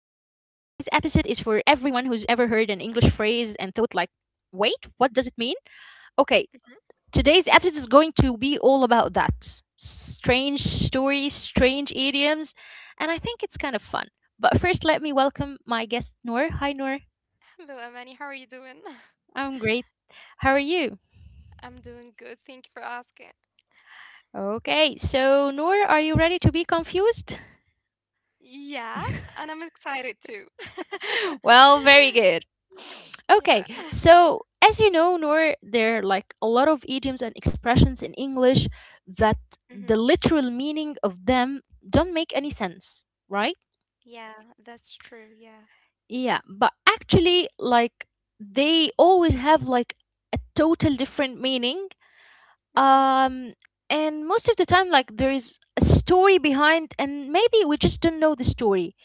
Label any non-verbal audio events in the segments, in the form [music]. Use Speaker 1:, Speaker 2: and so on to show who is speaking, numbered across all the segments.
Speaker 1: ever heard an English phrase and thought, like, wait, what does it mean? Okay,
Speaker 2: Mhm.
Speaker 1: today's episode is going to be all about that strange stories, strange idioms, and I think it's kind of fun. But first, let me welcome my guest, Noor. Hi, Noor.
Speaker 2: Hello, Amani. How are you doing? [laughs]
Speaker 1: I'm great. How are you?
Speaker 2: I'm doing good. Thank you for asking.
Speaker 1: Okay, so, Noor, are you ready to be confused?
Speaker 2: Yeah,
Speaker 1: [laughs]
Speaker 2: and I'm excited too. [laughs]
Speaker 1: Well, very good. Okay,
Speaker 2: Yeah.
Speaker 1: so as you know, Noor, there are like a lot of idioms and expressions in English that
Speaker 2: Hmm.
Speaker 1: the literal meaning of them don't make any sense, right?
Speaker 2: Yeah, that's true. Yeah.
Speaker 1: Yeah, but actually, like they always have like a total different meaning.
Speaker 2: Hmm.
Speaker 1: Um, and most of the time, like there is a story behind, and maybe we just don't know the story.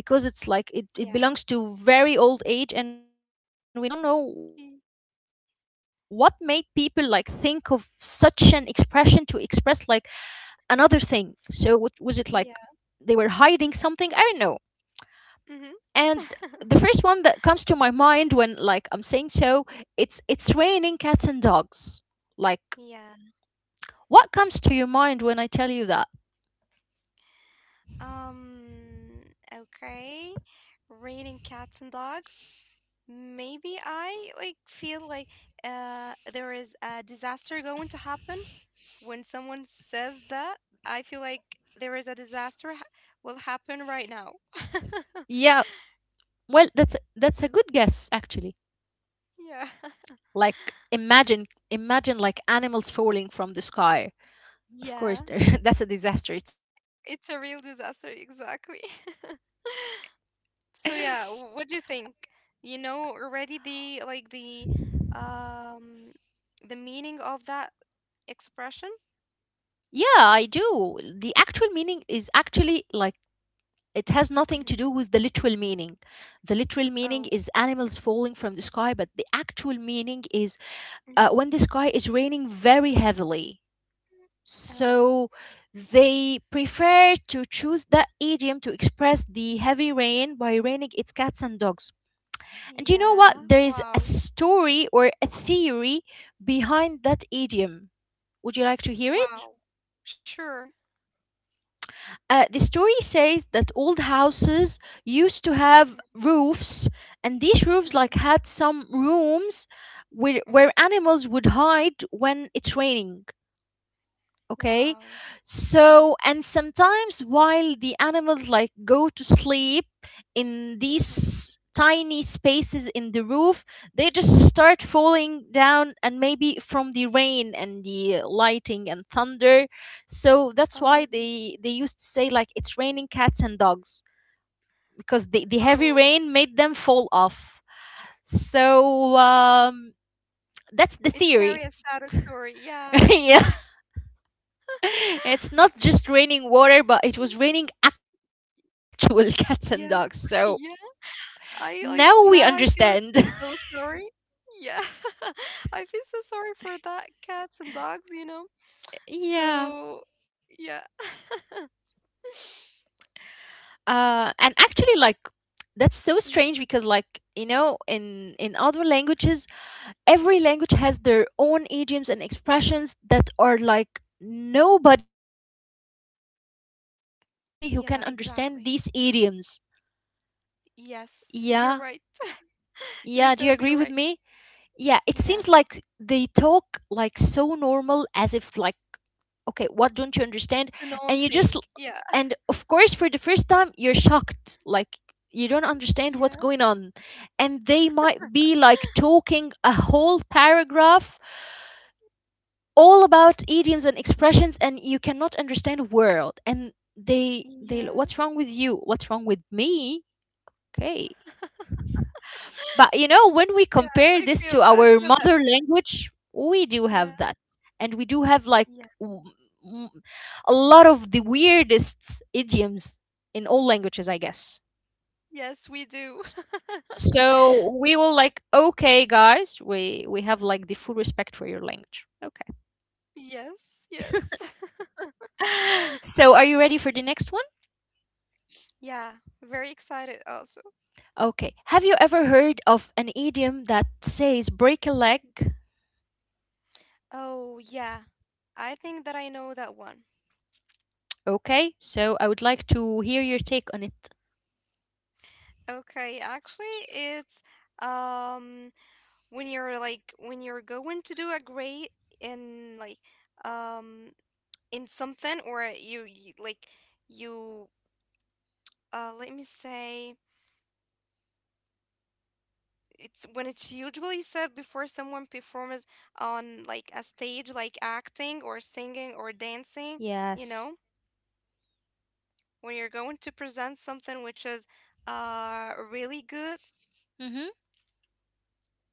Speaker 1: Because it's like it,
Speaker 2: Yeah.
Speaker 1: it belongs to very old age, and we don't know what made people
Speaker 2: Mhm.
Speaker 1: like think of such an expression to express like another thing. So what was it like? They were
Speaker 2: Yeah.
Speaker 1: hiding something, I don't know.
Speaker 2: Hmm.
Speaker 1: And the first one that comes to my mind when like I'm saying, so it's raining cats and dogs, like,
Speaker 2: Yeah.
Speaker 1: what comes to your mind when I tell you that?
Speaker 2: Um, okay. Rating cats and dogs. Maybe I like feel like there is a disaster going to happen when someone says that. I feel like there is a disaster ha will happen right now. [laughs]
Speaker 1: Yeah, well, that's a good guess, actually.
Speaker 2: Yeah. [laughs]
Speaker 1: Like, imagine, like, animals falling from the sky. Of course,
Speaker 2: Yeah.
Speaker 1: [laughs] that's a disaster itself.
Speaker 2: It's a real disaster, exactly. [laughs] So yeah, what do you think? You know already the um the meaning of that expression?
Speaker 1: Yeah, I do. The actual meaning is actually like it has
Speaker 2: Mhm.
Speaker 1: nothing to do with the literal meaning. The literal meaning
Speaker 2: Oh,
Speaker 1: is animals falling from the sky, but the actual meaning is
Speaker 2: mhm.
Speaker 1: when the sky is raining very heavily.
Speaker 2: Oh,
Speaker 1: So they prefer to choose that idiom to express the heavy rain by raining its cats and dogs. And you know what?
Speaker 2: yeah.
Speaker 1: There is a
Speaker 2: Wow,
Speaker 1: story or a theory behind that idiom. Would you like to hear it?
Speaker 2: wow. Sure.
Speaker 1: The story says that old houses used to have roofs, and these roofs
Speaker 2: Mm-hmm.
Speaker 1: like had some rooms where
Speaker 2: Mm-hmm.
Speaker 1: animals would hide when it's raining. Okay,
Speaker 2: Wow. Mm-hmm.
Speaker 1: so, and sometimes while the animals like go to sleep in
Speaker 2: Mm-hmm.
Speaker 1: these tiny spaces in the roof, they just start falling down, and maybe from the rain and the lighting and thunder. So that's why
Speaker 2: Oh,
Speaker 1: they used to say, like, it's raining cats and dogs, because the heavy
Speaker 2: oh.
Speaker 1: rain made them fall off. So that's the
Speaker 2: It
Speaker 1: theory.
Speaker 2: carry a sad story.
Speaker 1: [laughs]
Speaker 2: Yeah,
Speaker 1: Yeah, [laughs] it's not just raining water, but it was raining actual [laughs] cats and dogs. So
Speaker 2: yeah, [laughs] yeah.
Speaker 1: now we
Speaker 2: I, like Now
Speaker 1: understand.
Speaker 2: I feel
Speaker 1: [laughs]
Speaker 2: so sorry. Yeah, [laughs] I feel so sorry for that cats and dogs. You know.
Speaker 1: Yeah.
Speaker 2: So, yeah. [laughs]
Speaker 1: And actually, like, that's so
Speaker 2: Mhm.
Speaker 1: strange because, like, you know, in other languages, every language has their own idioms and expressions that are like nobody other than the people of that country
Speaker 2: Yeah,
Speaker 1: who can
Speaker 2: exactly.
Speaker 1: understand these idioms.
Speaker 2: Yes, you're
Speaker 1: Yeah.
Speaker 2: right. You're
Speaker 1: Yeah. Do you
Speaker 2: totally
Speaker 1: agree
Speaker 2: right.
Speaker 1: with me? Yeah. It seems
Speaker 2: Yes.
Speaker 1: like they talk like so normal as if like, okay, what don't you understand?
Speaker 2: It's an own
Speaker 1: And you
Speaker 2: thing.
Speaker 1: just,
Speaker 2: Yeah.
Speaker 1: and of course, for the first time, you're shocked, like, you don't understand what's
Speaker 2: Yeah.
Speaker 1: going on, and they might be like talking a whole paragraph all about idioms and expressions, and you cannot understand a word, and they
Speaker 2: Yeah.
Speaker 1: they what's wrong with you, what's wrong with me? Okay, but you know, when we
Speaker 2: Yeah.
Speaker 1: compare this to
Speaker 2: I feel
Speaker 1: our
Speaker 2: that
Speaker 1: mother
Speaker 2: feeling.
Speaker 1: language, we do
Speaker 2: Yeah.
Speaker 1: have that. And we do have like
Speaker 2: Yeah.
Speaker 1: w- m- a lot of the weirdest idioms in all languages, I guess.
Speaker 2: Yes, we do. [laughs]
Speaker 1: So we will like, okay, guys, we have like the full respect for your language. Okay.
Speaker 2: Yes. Yes.
Speaker 1: [laughs] So are you ready for the next one?
Speaker 2: [laughs] Yeah. Very excited also.
Speaker 1: Okay. Have you ever heard of an idiom that says break a leg?
Speaker 2: Oh, yeah. I think that I know that one.
Speaker 1: Okay. So I would like to hear your take on it.
Speaker 2: Okay, actually it's um when you're like when you're going to do a grade in like um in something or you like you let me say it's when it's usually said before someone performs on like a stage like acting or singing or dancing. You
Speaker 1: Yes.
Speaker 2: know, when you're going to present something which is really good.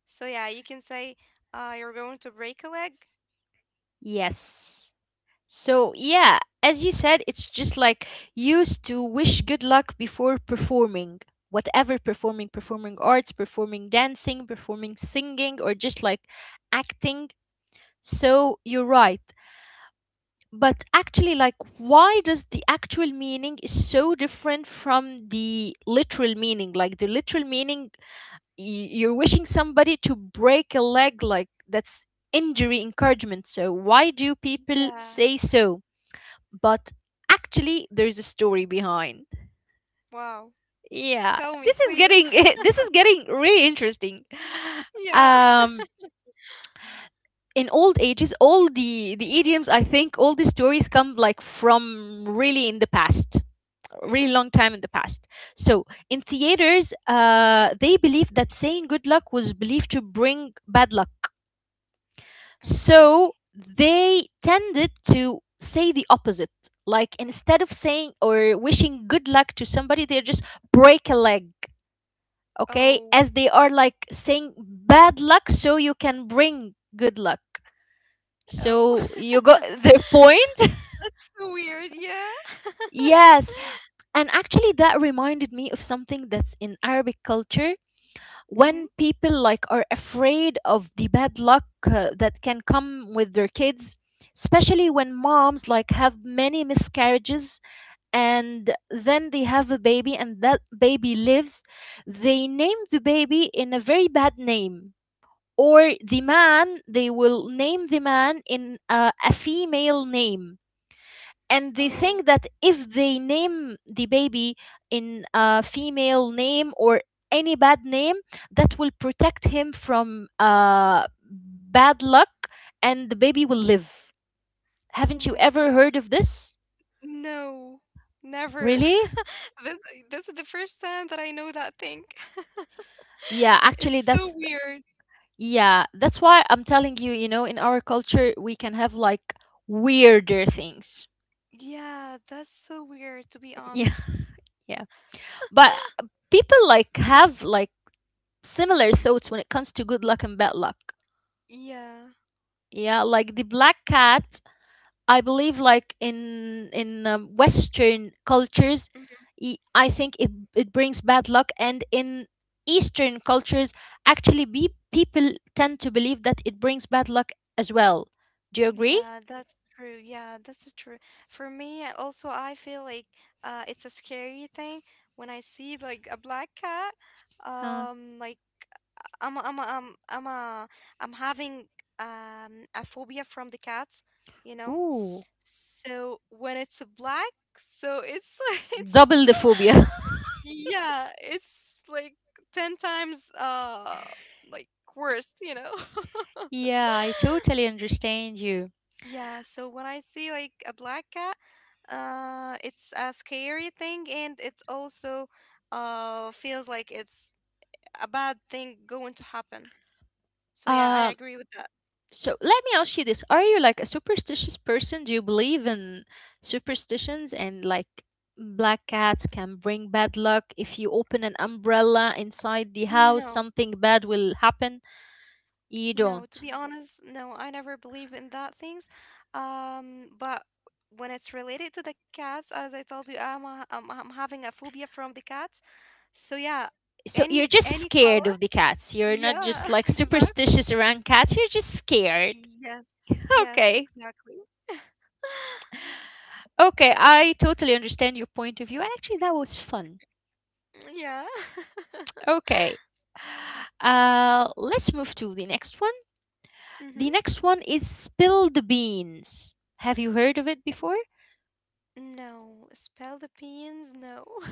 Speaker 2: So yeah, you can say you're going to break a leg.
Speaker 1: Yes. So, yeah, as you said, it's just like used to wish good luck before performing, whatever, performing performing arts, performing dancing, performing singing, or just like acting. So, you're right. But actually, like, why does the actual meaning is so different from the literal meaning? Like, the literal meaning, you're wishing somebody to break a leg, like, that's injury encouragement. So, why do people
Speaker 2: Yeah.
Speaker 1: say so? But actually, there is a story behind.
Speaker 2: Wow.
Speaker 1: Yeah,
Speaker 2: Tell me
Speaker 1: this is
Speaker 2: please.
Speaker 1: getting [laughs] this is getting really interesting.
Speaker 2: [laughs] Yeah.
Speaker 1: um in old ages, all the idioms, I think all the stories come like from really in the past,
Speaker 2: [laughs]
Speaker 1: really
Speaker 2: Hmm.
Speaker 1: long time in the past. So in theaters, they believed that saying good luck was believed to bring bad luck. So
Speaker 2: Okay.
Speaker 1: they tended to say the opposite. Like, instead of saying or wishing good luck to somebody, they just break a leg, okay? As
Speaker 2: Oh.
Speaker 1: they are like saying bad luck so you can bring good luck.
Speaker 2: Oh.
Speaker 1: So
Speaker 2: [laughs]
Speaker 1: you got [laughs] the point?
Speaker 2: That's so weird, yeah.
Speaker 1: Yes. And actually, that reminded me of something that's in Arabic culture
Speaker 2: [laughs] Hmm.
Speaker 1: when people like are afraid of the bad luck that can come with their kids, especially when moms like have many miscarriages and then they have a baby and that baby lives, they name the baby in a very bad name, or the man, they will name the man in a female name. And they
Speaker 2: Oh.
Speaker 1: think that if they name the baby in a female name or any bad name, that will protect him from bad luck, and the baby will live.
Speaker 2: Oh
Speaker 1: Haven't you
Speaker 2: my
Speaker 1: ever
Speaker 2: god.
Speaker 1: heard of this?
Speaker 2: No, never.
Speaker 1: Really?
Speaker 2: [laughs] This this is the first time that I know that thing. [laughs]
Speaker 1: Yeah, actually
Speaker 2: It's so
Speaker 1: that's,
Speaker 2: weird.
Speaker 1: yeah, that's why I'm telling you, you know, in our culture, we can have like weirder things.
Speaker 2: Yeah, that's so weird to be
Speaker 1: [laughs] Yeah,
Speaker 2: honest.
Speaker 1: yeah. But people like have like similar thoughts when it comes to good luck and bad luck.
Speaker 2: Yeah.
Speaker 1: Yeah, like the black cat, I believe like in Western cultures,
Speaker 2: Mhm.
Speaker 1: I think it brings bad luck, and in Eastern cultures, actually, people tend to believe that it brings bad luck as well. Do you agree?
Speaker 2: Yeah, that's true. Yeah, that's true. For me, I feel like it's a scary thing when I see like a black cat.
Speaker 1: Huh.
Speaker 2: Like I'm, a- I'm, a- I'm, I'm, a, I'm having a phobia from the cats, you know.
Speaker 1: Ooh,
Speaker 2: So when it's black, so it's [laughs] like it's
Speaker 1: double the phobia.
Speaker 2: yeah, it's like 10 times like worst, you know.
Speaker 1: [laughs]
Speaker 2: [laughs]
Speaker 1: Yeah, I totally understand you.
Speaker 2: Yeah, so when I see like a black cat, it's a scary thing and it's also feels like it's a bad thing going to happen. So yeah, I
Speaker 1: Um,
Speaker 2: agree with that.
Speaker 1: So let me ask you this. Are you like a superstitious person? Do you believe in superstitions and like black cats can bring bad luck? If you open an umbrella inside the house,
Speaker 2: No.
Speaker 1: something bad will happen? You
Speaker 2: No, to
Speaker 1: don't.
Speaker 2: be honest, no, I never believe in that things. But when it's related to the cats, as I told you, I'm having a phobia from the cats. So yeah,
Speaker 1: So you're just
Speaker 2: any color.
Speaker 1: scared of the cats. You're not
Speaker 2: Yeah,
Speaker 1: just
Speaker 2: [laughs]
Speaker 1: like
Speaker 2: exactly.
Speaker 1: superstitious around cats. You're just scared.
Speaker 2: Yes, yes,
Speaker 1: Okay.
Speaker 2: exactly. [laughs]
Speaker 1: Okay. I totally understand your point of view. And actually, that was fun.
Speaker 2: Yeah. [laughs]
Speaker 1: Okay. Let's move to the next one.
Speaker 2: Mm-hmm.
Speaker 1: The next one is spill the beans. Have you heard of it before?
Speaker 2: No, spell the beans, no. [laughs]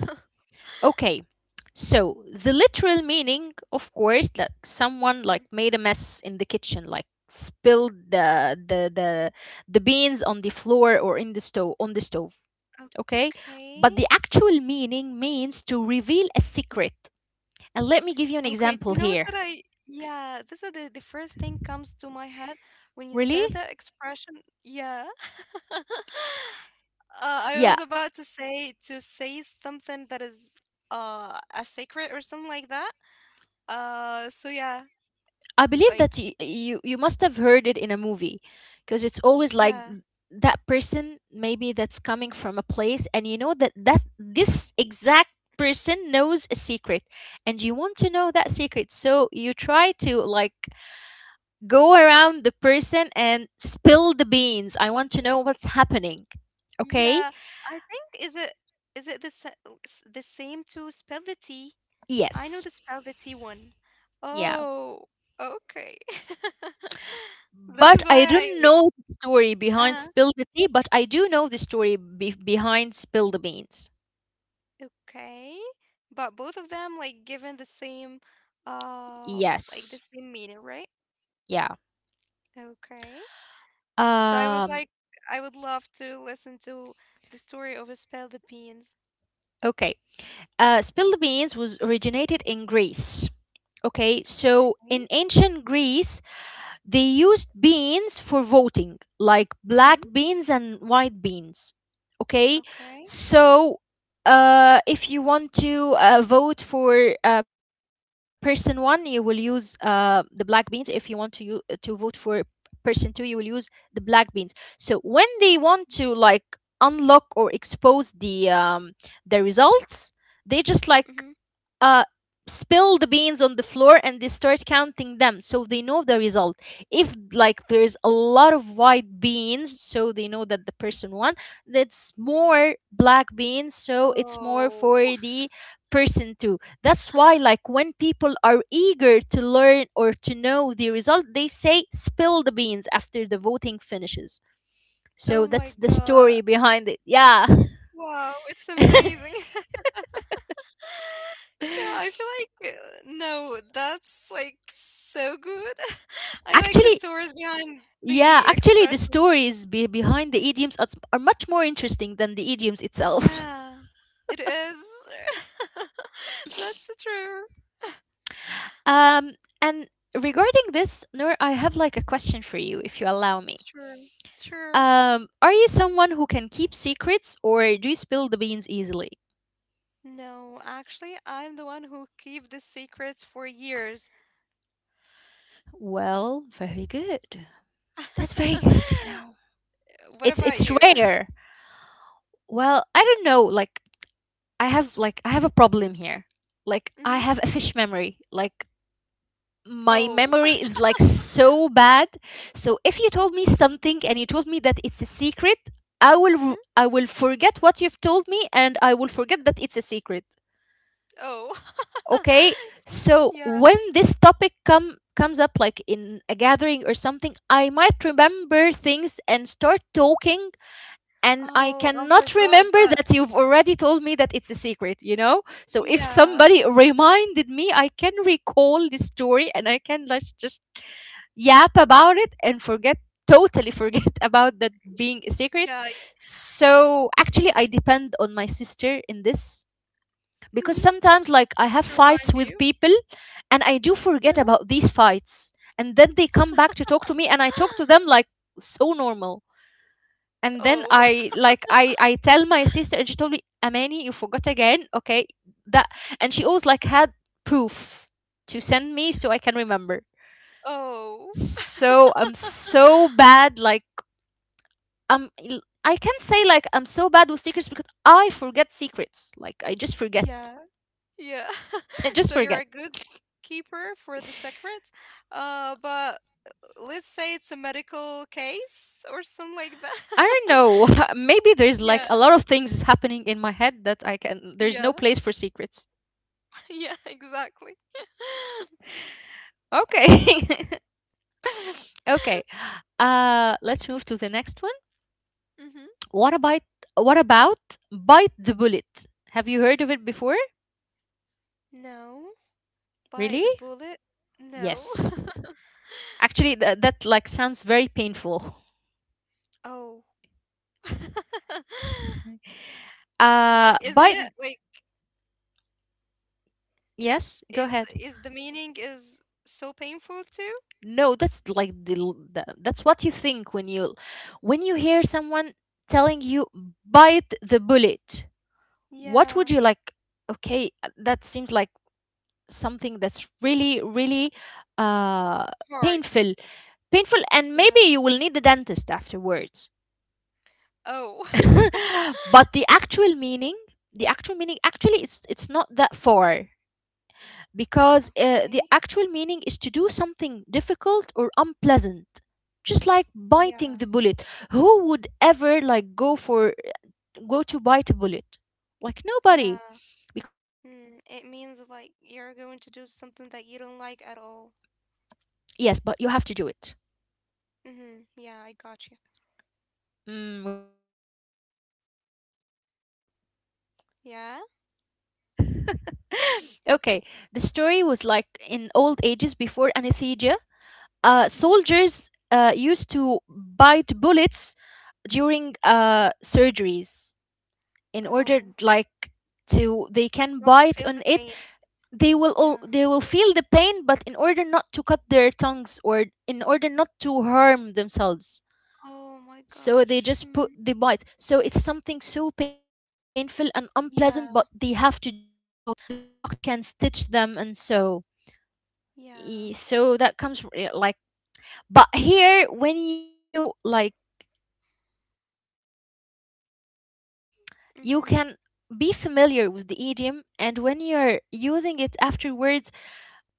Speaker 1: Okay, so the literal meaning, of course, that someone like
Speaker 2: Mm.
Speaker 1: made a mess in the kitchen, like spilled the beans on the floor or in the stove, on the stove. Okay,
Speaker 2: Okay.
Speaker 1: but the actual meaning means to reveal a secret. And let me give you an
Speaker 2: Okay, do you know
Speaker 1: example
Speaker 2: that
Speaker 1: here.
Speaker 2: I yeah, this is the first thing comes to my head when you said
Speaker 1: Really?
Speaker 2: the expression. Yeah. [laughs] I was
Speaker 1: Yeah,
Speaker 2: about to say something that is a secret or something like that. So yeah,
Speaker 1: I believe
Speaker 2: like
Speaker 1: that you, you must have heard it in a movie, because it's always like
Speaker 2: yeah,
Speaker 1: that person maybe that's coming from a place, and you know that this exact person knows a secret, and you want to know that secret, so you try to like go around the person and spill the beans. I want to know what's happening. Okay?
Speaker 2: yeah. I think is it the sa- oh, s- the same to spell the T? I know
Speaker 1: Yes.
Speaker 2: the spell the T one.
Speaker 1: Yeah.
Speaker 2: Oh, okay. [laughs] This is
Speaker 1: But
Speaker 2: why
Speaker 1: I
Speaker 2: I
Speaker 1: don't
Speaker 2: like.
Speaker 1: know the story behind
Speaker 2: Uh-huh.
Speaker 1: Spill the Tea, but I do know the story behind Spill the Beans.
Speaker 2: Okay. But both of them like given the same like the
Speaker 1: Yes.
Speaker 2: same meaning, right?
Speaker 1: Yeah.
Speaker 2: Okay. So
Speaker 1: Um,
Speaker 2: I would love to listen to the story of Spell the Beans.
Speaker 1: okay. Spilled beans was originated in Greece. Okay, so
Speaker 2: Right?
Speaker 1: in ancient Greece, they used beans for voting, like black
Speaker 2: Mm-hmm.
Speaker 1: beans and white beans. Okay,
Speaker 2: Okay.
Speaker 1: so if you want to vote for person one, you will use the black beans. If you want to to vote for person two, you will use the black beans. So when they want to like unlock or expose the results, they just like
Speaker 2: Mm-hmm.
Speaker 1: uh, spill the beans on the floor, and they start counting them so they know the result. If like there's a lot of white beans, so they know that the person won. That's more black beans, so it's
Speaker 2: Oh.
Speaker 1: more for
Speaker 2: [laughs]
Speaker 1: the person too. That's why, like, when people are eager to learn or to know the result, they say spill the beans after the voting finishes.
Speaker 2: Oh
Speaker 1: So
Speaker 2: my
Speaker 1: that's the
Speaker 2: God.
Speaker 1: story behind it. Yeah.
Speaker 2: Wow, it's amazing. [laughs] Yeah, I feel
Speaker 1: [laughs]
Speaker 2: like no, that's like so good. [laughs] I like the
Speaker 1: Actually,
Speaker 2: stories behind
Speaker 1: yeah,
Speaker 2: the
Speaker 1: actually, the
Speaker 2: expressions.
Speaker 1: stories behind the idioms are much more interesting than the idioms itself. [laughs]
Speaker 2: Yeah, it is. [laughs] That's true.
Speaker 1: Um, and regarding this, Noor, I have like a question for you, if you allow me.
Speaker 2: Sure, sure.
Speaker 1: Are you someone who can keep secrets, or do you spill the beans easily?
Speaker 2: No, actually, I'm the one who keep the secrets for years.
Speaker 1: Well, very good. That's very good.
Speaker 2: [laughs]
Speaker 1: You know,
Speaker 2: What
Speaker 1: it's
Speaker 2: about
Speaker 1: it's
Speaker 2: you?
Speaker 1: rare. Well, I don't know. Like I have a problem here. Like,
Speaker 2: [laughs]
Speaker 1: I
Speaker 2: Hmm.
Speaker 1: have a fish memory. Like, my
Speaker 2: Oh.
Speaker 1: memory is like so bad. So if you told me something and you told me that it's a secret, I will
Speaker 2: [laughs] Hmm.
Speaker 1: I will forget what you've told me, and I will forget that it's a secret.
Speaker 2: Oh.
Speaker 1: Okay?
Speaker 2: [laughs]
Speaker 1: So
Speaker 2: Yeah.
Speaker 1: when this topic comes up like in a gathering or something, I might remember things and start talking, and I
Speaker 2: Oh, I
Speaker 1: cannot
Speaker 2: forgot
Speaker 1: remember
Speaker 2: that.
Speaker 1: that you've already told me that it's a secret, you know? So if
Speaker 2: Yeah.
Speaker 1: somebody reminded me, I can recall the story and I can like just yap about it and forget totally forget [laughs] about that being a
Speaker 2: Yeah.
Speaker 1: secret. So actually I depend on my sister in this,
Speaker 2: Hmm.
Speaker 1: because sometimes like I
Speaker 2: To
Speaker 1: have
Speaker 2: remind
Speaker 1: fights
Speaker 2: you.
Speaker 1: with people and I do forget
Speaker 2: Uh-huh.
Speaker 1: about these fights, and then they come back to talk to me and I talk to them
Speaker 2: [gasps]
Speaker 1: like so normal. And then
Speaker 2: Oh. [laughs]
Speaker 1: I like I tell my sister and she told me, Amani, you forgot again. Okay, that. And she always like had proof to send me so I can remember.
Speaker 2: Oh.
Speaker 1: So I'm so bad. Like I can say like I'm so bad with secrets because I forget secrets. Like I just forget.
Speaker 2: Yeah. Yeah. [laughs]
Speaker 1: [laughs] I just
Speaker 2: So you're
Speaker 1: forget.
Speaker 2: a good keeper for the secret. But let's say it's a medical case or something like that.
Speaker 1: I don't
Speaker 2: [laughs]
Speaker 1: know. [laughs] Maybe there's like
Speaker 2: Yeah,
Speaker 1: a lot of things is happening in my head that I can. There's
Speaker 2: yeah,
Speaker 1: no place for secrets.
Speaker 2: [laughs] yeah, exactly. [laughs]
Speaker 1: Okay. [laughs] Okay. Let's move to the next one.
Speaker 2: Mm-hmm.
Speaker 1: What about what about bite the bullet? Have you heard of it before?
Speaker 2: No. By
Speaker 1: Really?
Speaker 2: the bullet? No.
Speaker 1: Yes.
Speaker 2: [laughs]
Speaker 1: Actually, that like sounds very painful.
Speaker 2: Oh. [laughs]
Speaker 1: [laughs]
Speaker 2: Like,
Speaker 1: Uh,
Speaker 2: isn't it
Speaker 1: but
Speaker 2: like
Speaker 1: yes, go ahead.
Speaker 2: is the meaning is so painful too?
Speaker 1: No, that's like the that's what you think when you hear someone telling you bite the bullet. What
Speaker 2: Yeah.
Speaker 1: would you like? Okay, that seems like something that's really really uh
Speaker 2: Hard.
Speaker 1: painful, painful, and maybe
Speaker 2: Yeah.
Speaker 1: you will need the dentist afterwards.
Speaker 2: Oh.
Speaker 1: [laughs]
Speaker 2: [laughs]
Speaker 1: But the actual meaning, actually, it's not that far, because
Speaker 2: Okay.
Speaker 1: the actual meaning is to do something difficult or unpleasant, just like
Speaker 2: Yeah.
Speaker 1: biting the bullet. Who would ever like go to bite a bullet? Like
Speaker 2: Yeah.
Speaker 1: nobody, because it's like
Speaker 2: Mm,
Speaker 1: so
Speaker 2: it means
Speaker 1: painful.
Speaker 2: like
Speaker 1: And
Speaker 2: you're going to do something that you don't like at all.
Speaker 1: yes, but you have to do it.
Speaker 2: Mm-hmm. Yeah, I got you.
Speaker 1: Mm, would you like to hear the story?
Speaker 2: Yeah?
Speaker 1: [laughs] Okay, the story was like in old ages before anesthesia.
Speaker 2: Mm-hmm.
Speaker 1: Soldiers used to bite bullets during surgeries in order
Speaker 2: Oh,
Speaker 1: like to they
Speaker 2: not
Speaker 1: can
Speaker 2: to feel
Speaker 1: bite
Speaker 2: the
Speaker 1: on
Speaker 2: pain.
Speaker 1: it.
Speaker 2: Yeah.
Speaker 1: They will feel the pain, but in order not to cut their tongues or in order not to harm themselves.
Speaker 2: Oh my
Speaker 1: So they
Speaker 2: gosh.
Speaker 1: just put
Speaker 2: Mm,
Speaker 1: the bite, so it's something so painful and
Speaker 2: yeah.
Speaker 1: unpleasant, but they have to do it so the doctor can stitch them. And so
Speaker 2: Yeah.
Speaker 1: So that comes from, like, but here when you like learn about the story, you
Speaker 2: Mm-hmm.
Speaker 1: can be familiar with the idiom. And when you're using it afterwards,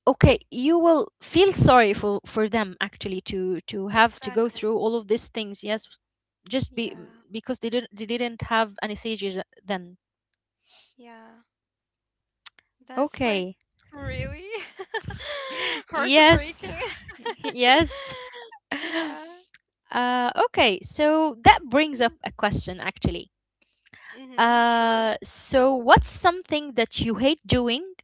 Speaker 1: okay, you will feel sorry for them, actually, to have to go
Speaker 2: Exactly.
Speaker 1: through all of these things. Yes, just be
Speaker 2: Yeah.
Speaker 1: because they didn't have anesthesia then.
Speaker 2: Yeah. That's like
Speaker 1: Okay.
Speaker 2: really [laughs]
Speaker 1: [laughs] Yes.
Speaker 2: heartbreaking. [laughs]
Speaker 1: [laughs] Yes. [laughs]
Speaker 2: Yeah.
Speaker 1: Okay, so that brings up a question, actually.
Speaker 2: Mm-hmm. Sure.
Speaker 1: So what's something that you hate doing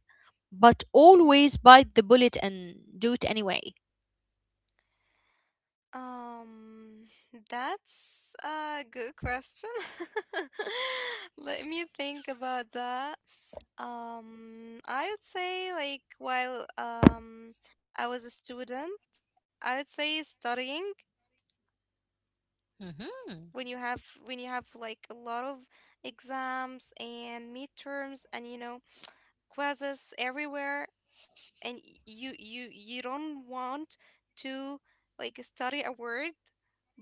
Speaker 1: but
Speaker 2: Mm-hmm.
Speaker 1: always bite the bullet and do it anyway?
Speaker 2: Um, [laughs] that's a good question. [laughs] Let me think about that. I would say like while I was a student, I would say studying.
Speaker 1: Hmm.
Speaker 2: When you have like a lot of exams and midterms and you know quizzes everywhere, and you don't want to like study a word,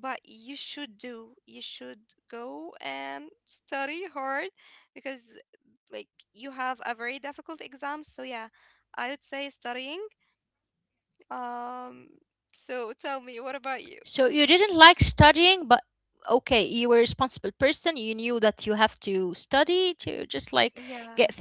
Speaker 2: but you should go and study hard because like you have a very difficult exam. So yeah, I would say studying. Um,
Speaker 1: So
Speaker 2: so
Speaker 1: you
Speaker 2: tell me,
Speaker 1: didn't
Speaker 2: what
Speaker 1: like
Speaker 2: about you?
Speaker 1: studying, but okay, you were a responsible person. You knew that you have to study to just like get things done.
Speaker 2: Yeah.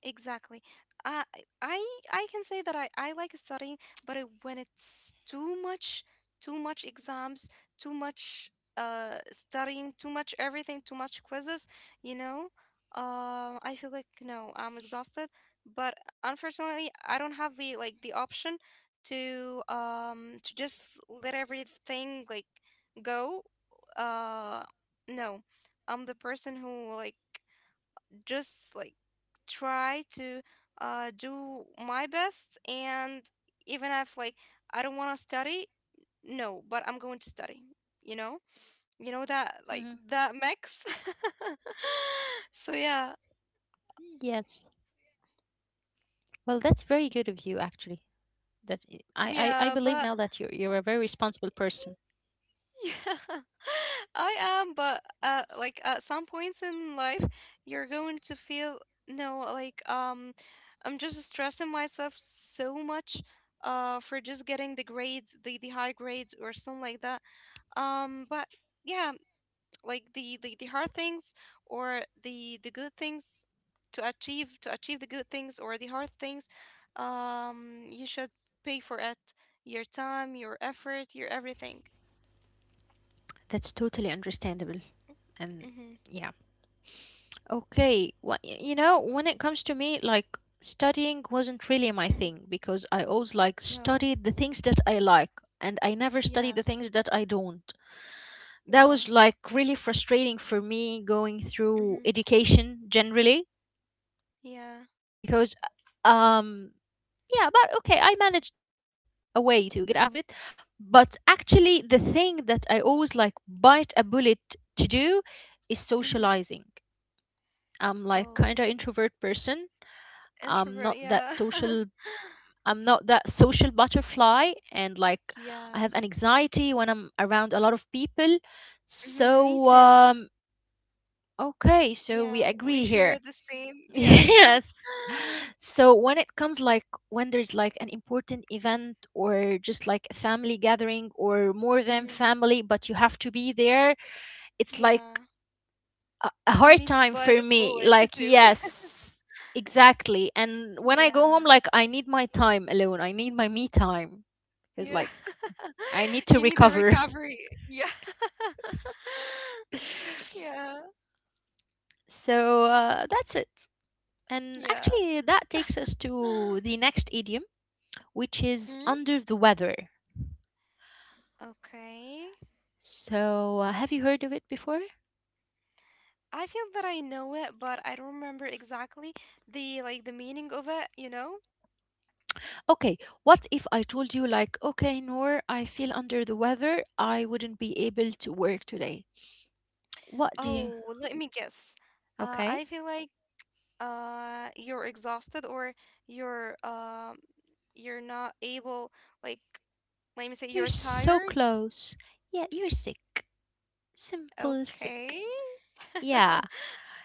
Speaker 2: Exactly. I I I can say that I like studying, but when it's too much exams, too much studying, too much everything, too much quizzes, you know, I feel like no, I'm exhausted. But unfortunately, I don't have the option to just let everything like go. Uh, no, I'm the person who just like try to do my best. And even if like I don't want to study, no, but I'm going to study, you know. You
Speaker 1: Hmm.
Speaker 2: know that like that mix. [laughs] So
Speaker 1: Yes.
Speaker 2: yeah.
Speaker 1: Well, that's very good of you, actually. That I believe now that you're a very
Speaker 2: Yeah, but
Speaker 1: responsible person.
Speaker 2: yeah, [laughs] I am, but like at some points in life, you're going to feel no, like I'm just stressing myself so much for just getting the grades, the high grades or something like that. But yeah, like the hard things or the good things to achieve the good things or the hard things, you should pay for it, your time, your effort, your everything.
Speaker 1: That's totally understandable. And
Speaker 2: Mm-hmm.
Speaker 1: yeah. Okay, well, you know, when it comes to me, like studying wasn't really my
Speaker 2: Mm-hmm.
Speaker 1: thing, because I always like
Speaker 2: Oh,
Speaker 1: studied the things that I like, and I never
Speaker 2: yeah.
Speaker 1: studied the things that I don't. That
Speaker 2: Wow.
Speaker 1: was like really frustrating for me, going through
Speaker 2: Mhm.
Speaker 1: education generally,
Speaker 2: Yeah.
Speaker 1: because um yeah. But okay, I managed a way to get out of it. But actually, the thing that I always like bite a bullet to do is
Speaker 2: Mhm.
Speaker 1: socializing. I'm like
Speaker 2: Oh,
Speaker 1: kind of introvert person. I'm not
Speaker 2: introvert.
Speaker 1: that
Speaker 2: Yeah.
Speaker 1: social.
Speaker 2: [laughs]
Speaker 1: I'm not that social butterfly. And like I
Speaker 2: Yeah.
Speaker 1: have an anxiety when I'm around a lot of people.
Speaker 2: Mhm. Me
Speaker 1: So
Speaker 2: too.
Speaker 1: okay, so we
Speaker 2: Yeah. We
Speaker 1: agree
Speaker 2: share
Speaker 1: here.
Speaker 2: the same.
Speaker 1: [laughs]
Speaker 2: Yeah. [laughs]
Speaker 1: Yes. So when it comes like when there's like an important event or just like a family gathering or more than
Speaker 2: Mhm.
Speaker 1: family but you have to be there, it's like
Speaker 2: Yeah.
Speaker 1: a
Speaker 2: You
Speaker 1: hard
Speaker 2: need to
Speaker 1: time
Speaker 2: buy the
Speaker 1: for me.
Speaker 2: bullet to
Speaker 1: Like,
Speaker 2: do. [laughs]
Speaker 1: yes, exactly. And when I go
Speaker 2: Yeah.
Speaker 1: home, like, I need my time alone. I need my me time because,
Speaker 2: Yeah.
Speaker 1: like, I need
Speaker 2: [laughs]
Speaker 1: to
Speaker 2: You need a
Speaker 1: recover.
Speaker 2: recovery. Yeah. [laughs]
Speaker 1: [laughs]
Speaker 2: Yeah.
Speaker 1: So that's it. And
Speaker 2: Yeah.
Speaker 1: actually, that takes us to
Speaker 2: [gasps]
Speaker 1: the next idiom, which is
Speaker 2: Hmm?
Speaker 1: under the weather.
Speaker 2: Okay.
Speaker 1: So, have you heard of it before?
Speaker 2: I feel that I know it, but I don't remember exactly the meaning of it, you know?
Speaker 1: Okay, what if I told you, like, okay, Noor, I feel under the weather. I wouldn't be able to work today. What do you?
Speaker 2: Oh, well, let me guess.
Speaker 1: Okay.
Speaker 2: I feel like you're exhausted or you're um you're not able like let me say
Speaker 1: You're
Speaker 2: you're
Speaker 1: so
Speaker 2: tired.
Speaker 1: close. Yeah, you're sick. Simple sick.
Speaker 2: Okay.
Speaker 1: Yeah.
Speaker 2: [laughs]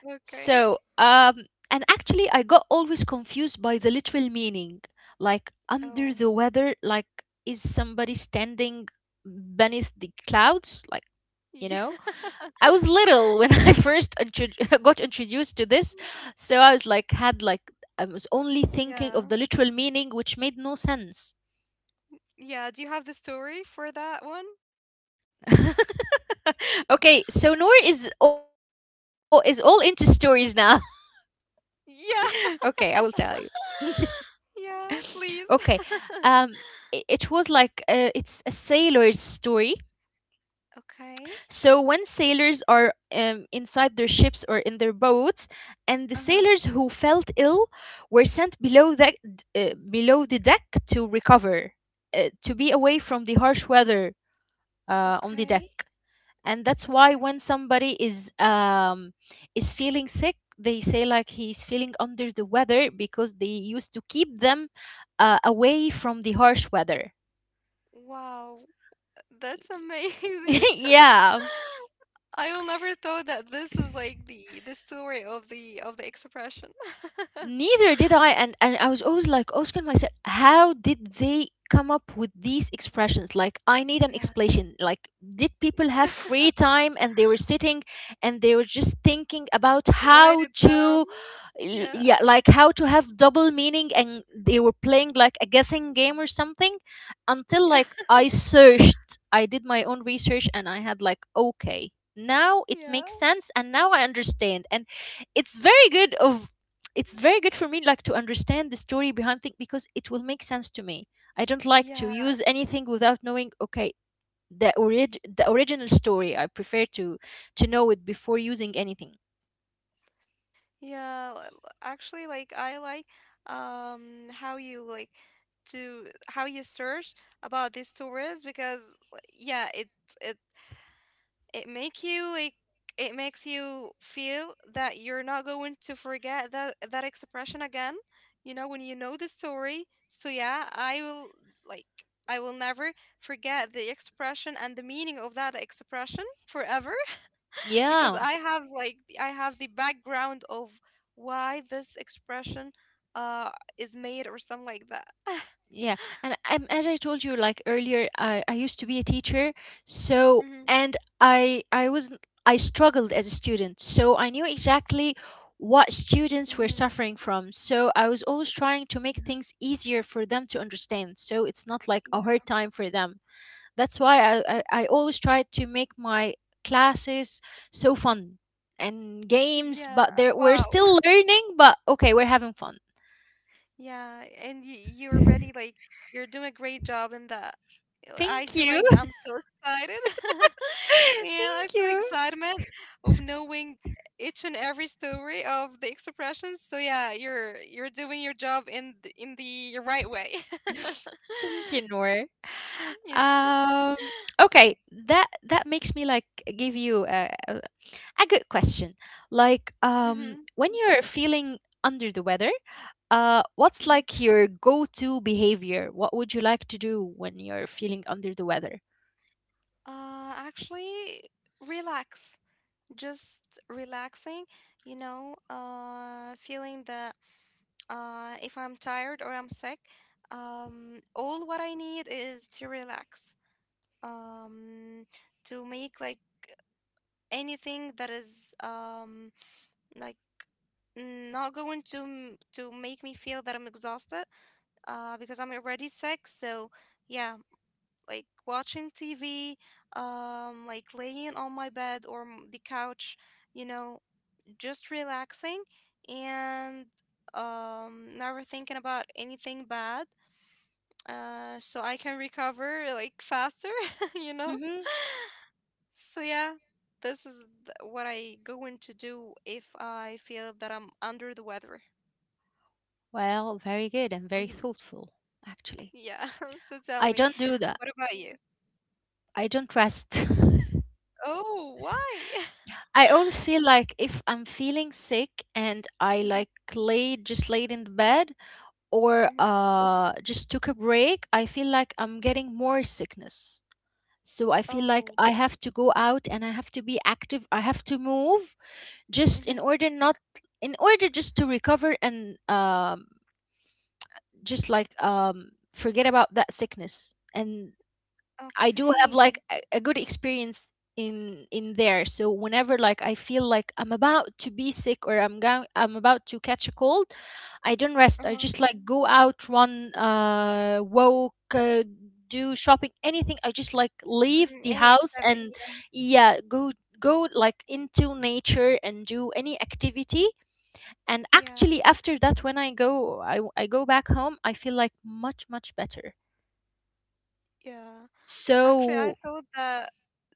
Speaker 2: Okay.
Speaker 1: So, and actually, I got always confused by the literal meaning. Like,
Speaker 2: Oh.
Speaker 1: under the weather, like, is somebody standing beneath the clouds? Like, you
Speaker 2: Yeah.
Speaker 1: know?
Speaker 2: [laughs]
Speaker 1: I was little when [laughs] I first [laughs] got introduced to this. So I was like, I was only thinking of
Speaker 2: Yeah.
Speaker 1: the literal meaning, which made no sense.
Speaker 2: Yeah, do you have the story for that one?
Speaker 1: [laughs] [laughs] Okay, so Noor is is all into stories now. [laughs] Okay, I will tell
Speaker 2: Yeah.
Speaker 1: you.
Speaker 2: [laughs]
Speaker 1: [laughs]
Speaker 2: Yeah,
Speaker 1: Okay,
Speaker 2: please.
Speaker 1: um,
Speaker 2: [laughs]
Speaker 1: it was like it's a sailor's story.
Speaker 2: Okay.
Speaker 1: So when sailors are inside their ships or in their boats, and the
Speaker 2: Uh-huh.
Speaker 1: sailors who felt ill were sent below that below the deck to recover, to be away from the harsh weather on the deck.
Speaker 2: Okay,
Speaker 1: And that's why
Speaker 2: okay.
Speaker 1: when somebody is feeling sick, they say like he's feeling under the weather, because they used to keep them away from the harsh weather.
Speaker 2: Wow, that's amazing.
Speaker 1: [laughs] Yeah.
Speaker 2: [laughs] I will never thought that this is like the story of the expression. [laughs]
Speaker 1: Neither did I, and I was always like asking myself, how did they come up with these expressions? Like, I need an
Speaker 2: Yeah.
Speaker 1: explanation. Like, did people have
Speaker 2: Yeah.
Speaker 1: free time and they were sitting and they were just thinking about
Speaker 2: [laughs]
Speaker 1: how
Speaker 2: Write it down.
Speaker 1: to,
Speaker 2: Yeah.
Speaker 1: yeah, like how to have double meaning, and they were playing like a guessing game or something, until like
Speaker 2: Yeah.
Speaker 1: I searched, I did my own research, and I had like, okay, now it makes
Speaker 2: Yeah.
Speaker 1: sense, and now I understand. And it's very good of it's very good for me like to understand the story behind things, because it will make sense to me. I don't like to
Speaker 2: Yeah.
Speaker 1: use anything without knowing, okay, the original story. I prefer to know it before using anything.
Speaker 2: Yeah. Actually, like I like how you like to how you search about these stories, because like, yeah, it it make you like it makes you feel that you're not going to forget that expression again, you know, when you know the story. So yeah, like I will never forget the expression and the meaning of that expression forever, [laughs] because
Speaker 1: Yeah.
Speaker 2: I have the background of why this expression uh is made or something like that. [laughs]
Speaker 1: Yeah, and as I told you like earlier, I used to be a teacher. So
Speaker 2: Mm-hmm.
Speaker 1: and I was I struggled as a student, so I knew exactly what students were
Speaker 2: Mm-hmm.
Speaker 1: suffering from. So I was always trying to
Speaker 2: Yeah.
Speaker 1: make things easier for them to understand, so it's not like a
Speaker 2: Yeah.
Speaker 1: hard time for them. That's why I always tried to make my classes so fun and games,
Speaker 2: Yeah.
Speaker 1: but there we're
Speaker 2: Wow.
Speaker 1: still learning, but okay, we're having fun.
Speaker 2: Yeah, and you you're already you're doing a great job in that. I
Speaker 1: Thank
Speaker 2: feel
Speaker 1: you.
Speaker 2: like I'm so excited. [laughs]
Speaker 1: [laughs]
Speaker 2: Yeah, I
Speaker 1: Thank
Speaker 2: feel
Speaker 1: you.
Speaker 2: excitement of knowing each and every story of the expressions. So yeah, you're doing your job in in the right way. [laughs]
Speaker 1: [laughs] Thank you, Noor.
Speaker 2: Yeah.
Speaker 1: Um, okay, that makes me like give you a, a good question. Like,
Speaker 2: Mm-hmm.
Speaker 1: when you're feeling under the weather,
Speaker 2: Mm-hmm.
Speaker 1: what's like your go-to behavior? What would you like to do when you're feeling under the weather?
Speaker 2: Actually, relax. Just relaxing, you know, feeling that if I'm tired or I'm sick, all what I need is to relax, um, to make like anything that is like not going to to make me feel that I'm exhausted, because I'm already sick. So yeah, like watching TV, like laying on my bed or the couch, you know, just relaxing and never thinking about anything bad so I can recover like faster, [laughs] you know?
Speaker 1: Mm-hmm.
Speaker 2: [laughs] So yeah, this is what I going to do if I feel that I'm under the weather.
Speaker 1: Well, very good and very
Speaker 2: Hmm.
Speaker 1: thoughtful, actually.
Speaker 2: Yeah. [laughs] So tell
Speaker 1: I
Speaker 2: me,
Speaker 1: don't do that.
Speaker 2: what about you?
Speaker 1: I don't rest.
Speaker 2: Oh, why?
Speaker 1: [laughs] I always feel like if I'm feeling sick and
Speaker 2: [laughs]
Speaker 1: I
Speaker 2: Mhm,
Speaker 1: like lay just laid in the bed, or
Speaker 2: mhm.
Speaker 1: just took a break, I feel like I'm getting more sickness. So I feel like
Speaker 2: Oh.
Speaker 1: I have to go out and I have to be active. I have to move just in
Speaker 2: Mhm.
Speaker 1: order not in order just to recover and just like forget about that sickness. And I do have like
Speaker 2: Okay.
Speaker 1: a, good experience in there. So whenever like I feel like I'm about to be sick or I'm about to catch a cold, I don't
Speaker 2: Uh-huh.
Speaker 1: rest. I just like go out, run, walk, do shopping, anything. I just like leave
Speaker 2: Mm,
Speaker 1: the
Speaker 2: any
Speaker 1: house.
Speaker 2: activity?
Speaker 1: And yeah, go like into nature and do any activity. And
Speaker 2: Yeah.
Speaker 1: actually, after that, when I go back home, I feel like much much better.
Speaker 2: Yeah. Actually, I
Speaker 1: So
Speaker 2: thought that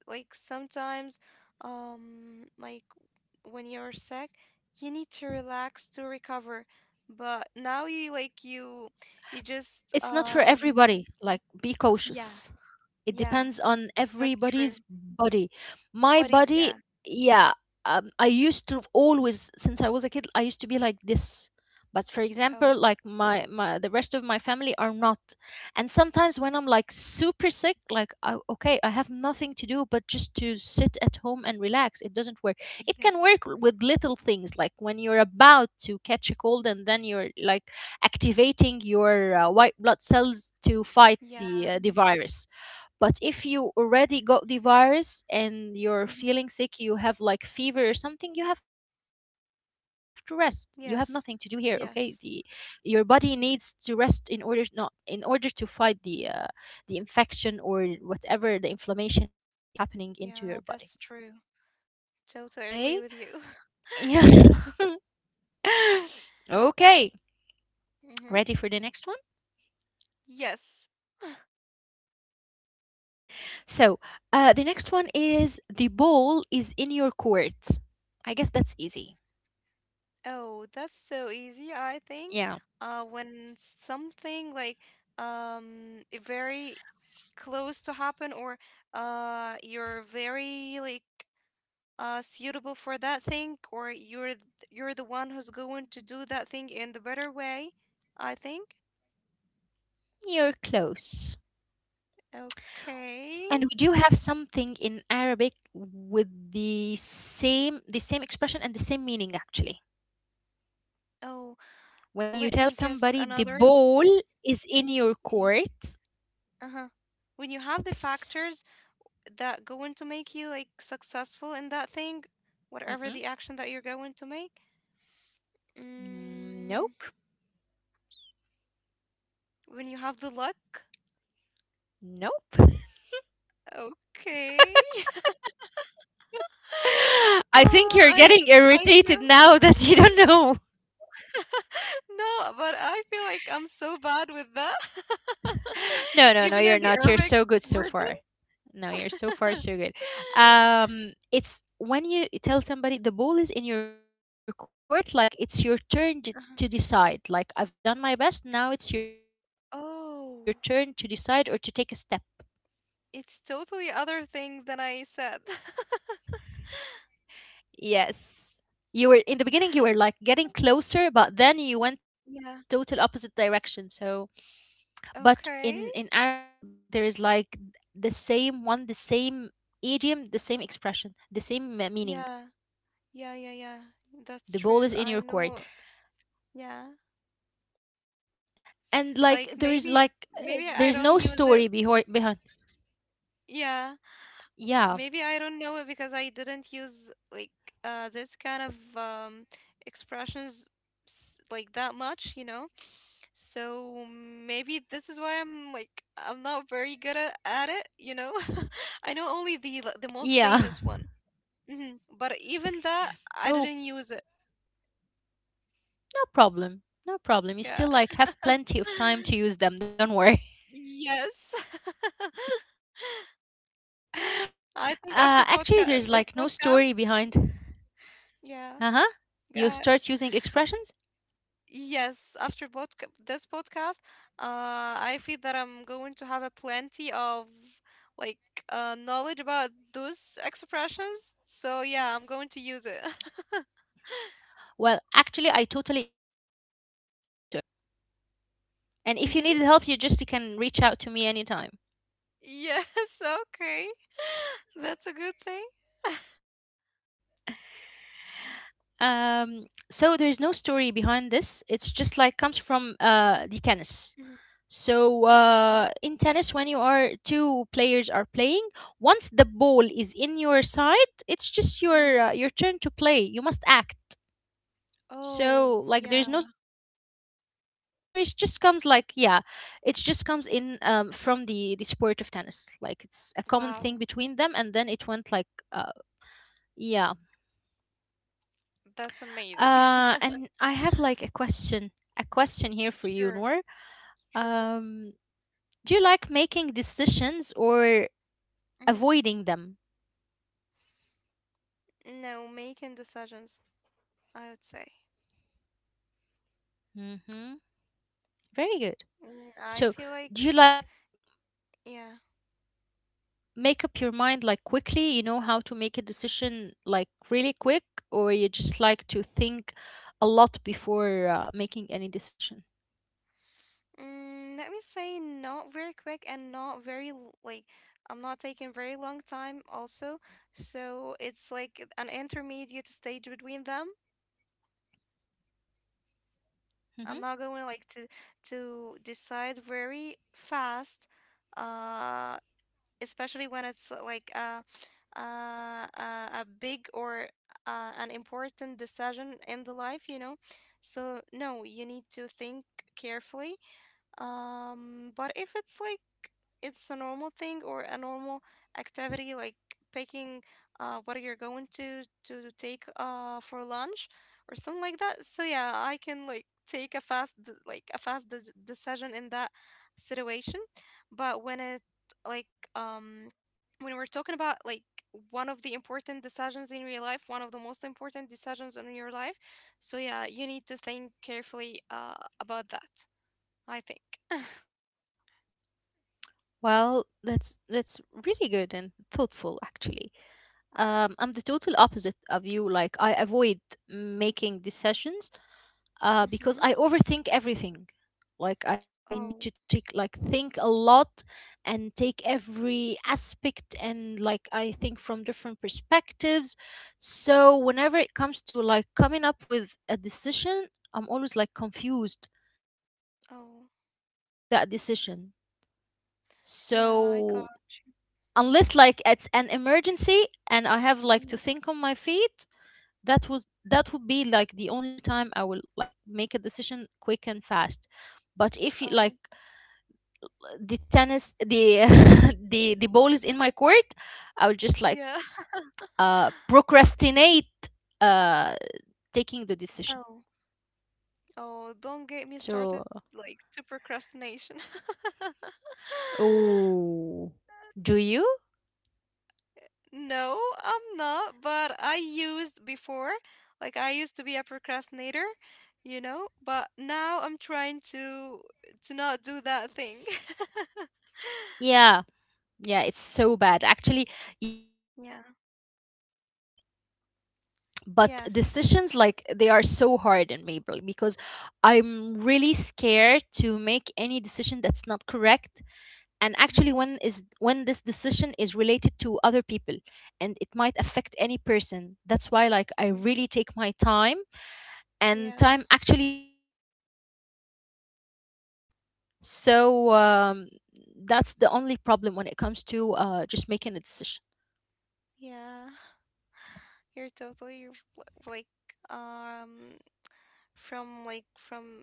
Speaker 2: like sometimes, like when you're sick, you need to relax to recover. But now you like you just
Speaker 1: It's not for everybody. Like, be
Speaker 2: yeah,
Speaker 1: cautious. It
Speaker 2: yeah,
Speaker 1: depends on
Speaker 2: that's true.
Speaker 1: everybody's body. My
Speaker 2: Body,
Speaker 1: body,
Speaker 2: yeah.
Speaker 1: yeah, I used to always, since I was a kid, I used to be like this. But for example,
Speaker 2: Oh,
Speaker 1: like my the rest of my family are not. And sometimes when I'm like super sick, like I, okay, I have nothing to do but just to sit at home and relax. It doesn't work. It can work
Speaker 2: yes.
Speaker 1: with little things, like when you're about to catch a cold and then you're like activating your white blood cells to fight
Speaker 2: Yeah.
Speaker 1: the virus. But if you already got the virus and you're
Speaker 2: Mhm,
Speaker 1: feeling sick, you have like fever or something, you have to rest. You have nothing to do here, okay? The
Speaker 2: yes.
Speaker 1: your
Speaker 2: Yes.
Speaker 1: body needs to rest in order not in order to fight the infection, or whatever the inflammation is happening into your body,
Speaker 2: Yeah, that's true. Totally
Speaker 1: okay?
Speaker 2: agree with you. [laughs]
Speaker 1: Yeah.
Speaker 2: Yeah.
Speaker 1: [laughs] okay.
Speaker 2: Mm-hmm.
Speaker 1: Ready for the next one?
Speaker 2: Yes.
Speaker 1: Okay. So, the next one is the ball is in your court. I guess that's easy.
Speaker 2: Oh, that's so easy, I think.
Speaker 1: Yeah.
Speaker 2: When something like very close to happen, or you're very like suitable for that thing, or you're the one who's going to do that thing in the better way, I think.
Speaker 1: You're close.
Speaker 2: Okay.
Speaker 1: And we do have something in Arabic with the same expression and the same meaning actually.
Speaker 2: Oh,
Speaker 1: When you
Speaker 2: let me
Speaker 1: tell
Speaker 2: guess
Speaker 1: somebody the
Speaker 2: another.
Speaker 1: ball is in your
Speaker 2: y-
Speaker 1: court.
Speaker 2: Uh-huh. When you have the factors
Speaker 1: s-
Speaker 2: that going to make you like successful in that thing, whatever the
Speaker 1: Mm-mm.
Speaker 2: action that you're going to make.
Speaker 1: Mm,
Speaker 2: Mm,
Speaker 1: nope.
Speaker 2: when you have the luck,
Speaker 1: Nope.
Speaker 2: okay. [laughs]
Speaker 1: [laughs] I think
Speaker 2: oh,
Speaker 1: you're
Speaker 2: I
Speaker 1: getting
Speaker 2: I
Speaker 1: irritated
Speaker 2: feel
Speaker 1: now [laughs] that you don't know. [laughs]
Speaker 2: [laughs] no, but I feel like I'm so bad with that.
Speaker 1: No,
Speaker 2: [laughs]
Speaker 1: no, no,
Speaker 2: Even in
Speaker 1: you're
Speaker 2: the
Speaker 1: not. You're
Speaker 2: Arabic
Speaker 1: so good so
Speaker 2: version.
Speaker 1: far. No, you're so far so
Speaker 2: [laughs]
Speaker 1: good. It's when you tell somebody the ball is in your court, like it's your to
Speaker 2: Uh-huh.
Speaker 1: decide. Like I've done my best, now it's your turn to decide or to take a step.
Speaker 2: Oh, it's totally other thing than I said. [laughs]
Speaker 1: Yes. You were in the beginning, you were like getting closer, but then you went to like a
Speaker 2: Yeah.
Speaker 1: total opposite direction. So but
Speaker 2: Okay.
Speaker 1: in in Arabic there is like the same one, the same idiom, the same expression, the meaning.
Speaker 2: Yeah. Yeah, yeah, yeah. That's
Speaker 1: The
Speaker 2: true.
Speaker 1: ball
Speaker 2: I
Speaker 1: is in your
Speaker 2: know.
Speaker 1: court.
Speaker 2: Yeah.
Speaker 1: And
Speaker 2: Like maybe
Speaker 1: like
Speaker 2: maybe
Speaker 1: there
Speaker 2: I
Speaker 1: is
Speaker 2: don't
Speaker 1: no
Speaker 2: use it.
Speaker 1: story behind.
Speaker 2: Yeah.
Speaker 1: Yeah.
Speaker 2: Maybe I don't know it because I didn't use like this kind of expressions like that much, you know? So maybe this is why I'm like I'm not very good at it, you know? [laughs] I know only the most famous
Speaker 1: Yeah.
Speaker 2: one. Hmm But even that I didn't
Speaker 1: [laughs]
Speaker 2: use
Speaker 1: Oh,
Speaker 2: it.
Speaker 1: no problem, no
Speaker 2: Yeah.
Speaker 1: problem, you still
Speaker 2: [laughs]
Speaker 1: like have plenty of time to use them, don't worry.
Speaker 2: Yes. [laughs]
Speaker 1: [laughs]
Speaker 2: I think after
Speaker 1: Actually,
Speaker 2: podcast,
Speaker 1: there's
Speaker 2: this
Speaker 1: like no
Speaker 2: podcast,
Speaker 1: story behind.
Speaker 2: yeah,
Speaker 1: Uh-huh.
Speaker 2: yeah,
Speaker 1: You start using expressions.
Speaker 2: yes, after this podcast, I feel that I'm going to have a plenty of like knowledge about those expressions. So yeah, I'm going to use it.
Speaker 1: Well, actually, I totally encourage you to do so,
Speaker 2: [laughs]
Speaker 1: and
Speaker 2: mm-hmm.
Speaker 1: if you need help, you just can reach out to me anytime.
Speaker 2: Yes, okay, [laughs] that's a good thing. [laughs]
Speaker 1: So there's no story behind this. It's just like comes from the tennis.
Speaker 2: Mhm,
Speaker 1: So
Speaker 2: okay.
Speaker 1: in tennis, when you are two players are playing, once the ball is in your side, it's just
Speaker 2: Mhm.
Speaker 1: your turn to play. You must act.
Speaker 2: Oh,
Speaker 1: So like
Speaker 2: yeah.
Speaker 1: there's no story. It just comes like yeah, it just comes in from the sport of tennis. Like it's a common thing between them, and then
Speaker 2: Wow,
Speaker 1: it went like uh, yeah.
Speaker 2: that's
Speaker 1: And
Speaker 2: amazing.
Speaker 1: I have
Speaker 2: [laughs]
Speaker 1: like a question here for you, Noor.
Speaker 2: Sure,
Speaker 1: Um,
Speaker 2: sure.
Speaker 1: do you like making decisions or
Speaker 2: Mhm.
Speaker 1: avoiding them?
Speaker 2: No, making decisions, I would say.
Speaker 1: Mm-hmm. Very
Speaker 2: Mm,
Speaker 1: good.
Speaker 2: I feel like,
Speaker 1: So, do you like
Speaker 2: yeah.
Speaker 1: make up your mind like quickly? You know how to make a decision like really quick, or you just like to think a lot before making any decision?
Speaker 2: Mm, let me say, not very quick and not very, like, I'm not taking very long time also. So it's like an intermediate stage between them.
Speaker 1: Mm-hmm.
Speaker 2: I'm not going to decide very fast. Uh, especially when it's like a big or an important decision in the life, you know. So no, you need to think carefully, but if it's like it's a normal thing or a normal activity, like picking what you're going to take for lunch or something like that, so yeah, I can like take a like a fast decision in that situation. But when it like um when we're talking about like one of the important decisions in your life, one of the most important decisions in your life, so yeah, you need to think carefully about that, I think.
Speaker 1: Well, that's really good and thoughtful, actually. I'm the total opposite of you. Like, I avoid making decisions
Speaker 2: Mm-hmm.
Speaker 1: because I overthink everything. Like, I need to
Speaker 2: Oh,
Speaker 1: take, like, think a lot and take every aspect and, like, I think from different perspectives. So, whenever it comes to, like, coming up with a decision, I'm always, like, confused, or I would
Speaker 2: oh,
Speaker 1: prefer not to make that decision.
Speaker 2: yeah, I got.
Speaker 1: So, unless, like, it's an emergency and I have, like,
Speaker 2: Mhm,
Speaker 1: to think on my feet, that was that would be like the only time I will like make a decision quick and fast. But if you
Speaker 2: Oh,
Speaker 1: like the tennis the [laughs] the ball is in my court, I will just like
Speaker 2: yeah. [laughs]
Speaker 1: procrastinate uh taking the decision.
Speaker 2: Oh, oh, don't get me
Speaker 1: So
Speaker 2: started like to procrastination. [laughs]
Speaker 1: oh, do you,
Speaker 2: No, I'm not, but I used before, like I used to be a procrastinator, you know, but now I'm trying to not do that thing. [laughs]
Speaker 1: yeah, yeah, it's so bad actually. Yeah, I'm
Speaker 2: Yeah.
Speaker 1: recovering as well. But
Speaker 2: Yes.
Speaker 1: decisions like they are so hard in me bro, because I'm really scared to make any decision that's not correct. And
Speaker 2: Mm-hmm.
Speaker 1: actually, when this decision is related to other people and it might affect any person, that's why
Speaker 2: Mm-hmm.
Speaker 1: like I really take my time.
Speaker 2: Yeah.
Speaker 1: And time actually never ends. So that's the only problem when it comes to just making a decision.
Speaker 2: Yeah. [laughs] You're totally r- l- like um from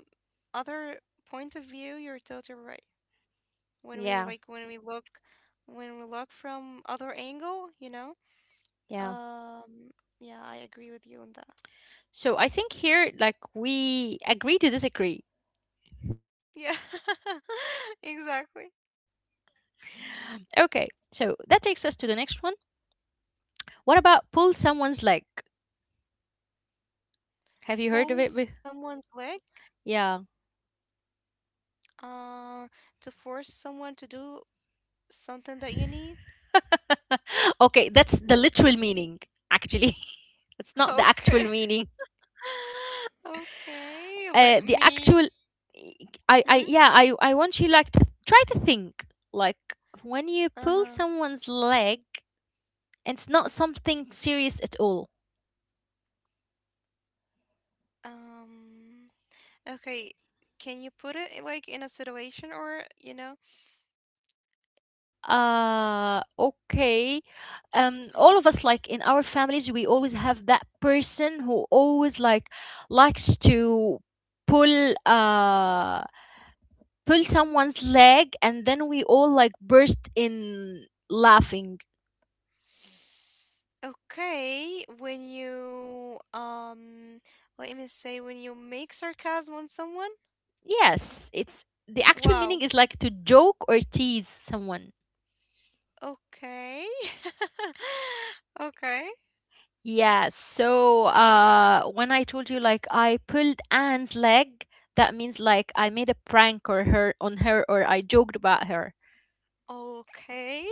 Speaker 2: other point of view, you're totally right. When we like
Speaker 1: Yeah,
Speaker 2: when we look when we look from other angle, you know?
Speaker 1: yeah.
Speaker 2: Um, yeah, I agree with you on that.
Speaker 1: So I think here like we agree to disagree.
Speaker 2: Yeah. [laughs] Exactly.
Speaker 1: Okay, so that takes us to the next one. What about pull someone's leg? Have you heard of
Speaker 2: Pull
Speaker 1: it?
Speaker 2: someone's leg,
Speaker 1: Yeah.
Speaker 2: uh to force someone to do something that you need. [laughs]
Speaker 1: [laughs] okay, that's the literal meaning, actually. [laughs] it's not the actual
Speaker 2: Okay. [laughs]
Speaker 1: meaning.
Speaker 2: Okay, let
Speaker 1: The
Speaker 2: me.
Speaker 1: actual,
Speaker 2: Mhm.
Speaker 1: yeah, I want you like to try to think like when you pull
Speaker 2: Uh-huh.
Speaker 1: someone's leg, it's not something serious at all.
Speaker 2: Um, okay. Can you put it in, like in a situation or, you know?
Speaker 1: Okay. Um, all of us like
Speaker 2: Mhm.
Speaker 1: in our families we always have that person who always like likes to pull uh pull someone's leg, and then we all like burst in laughing.
Speaker 2: Okay, when you let me say when you make sarcasm on someone.
Speaker 1: Yes, it's the actual
Speaker 2: Wow.
Speaker 1: meaning is like to joke or tease someone.
Speaker 2: Okay. [laughs] Okay.
Speaker 1: Yeah, so when I told you like I pulled Anne's leg, that means like I made a prank or her on her, or I joked about her.
Speaker 2: Okay.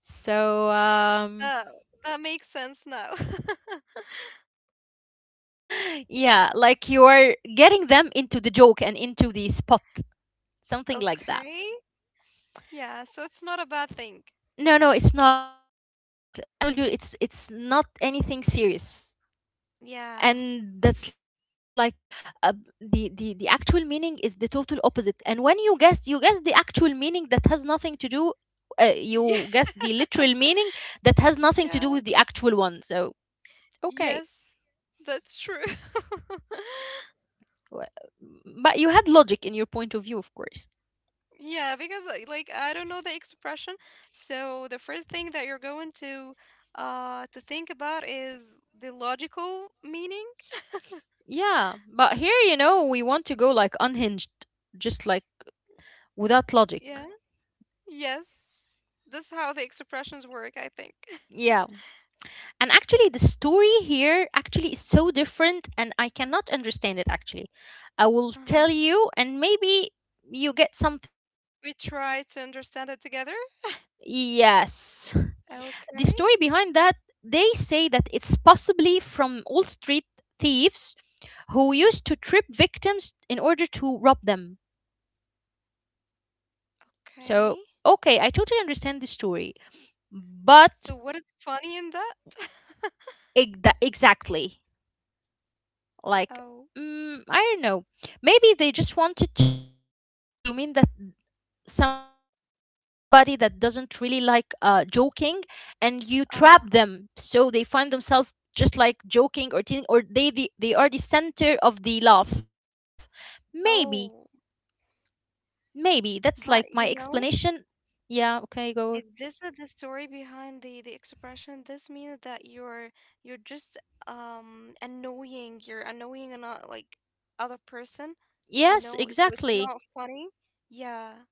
Speaker 1: So um.
Speaker 2: That that makes sense now. [laughs]
Speaker 1: Yes. [laughs] yeah, like you're getting them into the joke and into the spot, something like that.
Speaker 2: Okay. Yeah, so it's not a bad thing.
Speaker 1: No, no, it's not. And I told you
Speaker 2: Mm-hmm.
Speaker 1: it's not anything serious.
Speaker 2: Yeah.
Speaker 1: And that's like uh, the actual meaning is the total opposite. And when you guess, you guess the actual meaning that has nothing to do, you guess
Speaker 2: [laughs]
Speaker 1: the literal meaning that has nothing to do
Speaker 2: Yeah.
Speaker 1: with the actual one. So, okay.
Speaker 2: Yes, that's true. [laughs]
Speaker 1: Wh- But you had logic in your point of view, of course.
Speaker 2: Yeah, because like I don't know the expression, so the first thing that you're going to think about is the logical meaning.
Speaker 1: Yeah, but here, you know, we want to go like unhinged, just like without logic.
Speaker 2: Yeah. Yes. This is how the expressions work, I think. [laughs]
Speaker 1: Yeah. And actually, the story here actually is so different, and I cannot understand it actually. I will
Speaker 2: Uh-huh.
Speaker 1: tell you, and maybe you get something, and then you
Speaker 2: We
Speaker 1: will.
Speaker 2: try to understand it together.
Speaker 1: Yes. The story behind
Speaker 2: Okay.
Speaker 1: that, they say that it's possibly from old street thieves who used to
Speaker 2: Mm,
Speaker 1: trip victims in order to rob them. So,
Speaker 2: okay.
Speaker 1: okay, I totally understand the story. But
Speaker 2: So what is funny in that? [laughs]
Speaker 1: exactly, like
Speaker 2: Oh.
Speaker 1: mm, I don't know. Maybe they just wanted to mean that somebody that doesn't really like joking, and you trap them, so
Speaker 2: Uh
Speaker 1: they find themselves just like joking or teasing, or they are the center of the laugh. Maybe,
Speaker 2: oh,
Speaker 1: maybe that's like my
Speaker 2: but you
Speaker 1: explanation.
Speaker 2: know,
Speaker 1: Yeah. Okay. Go.
Speaker 2: if this is the story behind the expression? This means that you're just annoying. You're annoying and not like other person,
Speaker 1: Yes.
Speaker 2: you know. So
Speaker 1: Exactly.
Speaker 2: it's not funny. Yeah,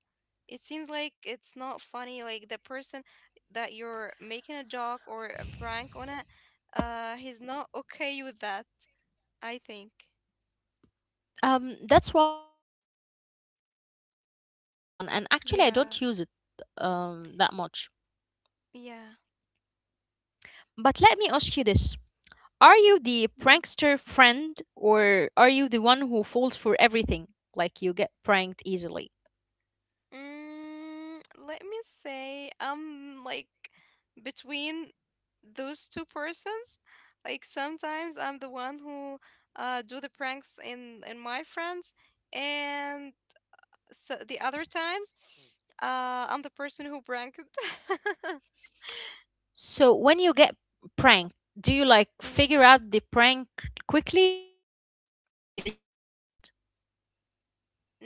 Speaker 2: it seems like it's not funny. Like the person that you're making a joke or a prank on it, he's not okay with that. I think.
Speaker 1: That's why I get confused when it comes to this one, and actually, I don't use it
Speaker 2: Yeah.
Speaker 1: that much.
Speaker 2: Yeah.
Speaker 1: But let me ask you this: are you the
Speaker 2: Mm-hmm.
Speaker 1: prankster friend, or are you the one who falls for everything? Like you get pranked easily.
Speaker 2: Mm, let me say I'm like between those two persons. Like sometimes I'm the one who do the pranks in my friends, and so the other times, I'm the person who pranked.
Speaker 1: So when you get pranked, do you like
Speaker 2: [laughs]
Speaker 1: figure out the prank quickly, or do you like easily pranked,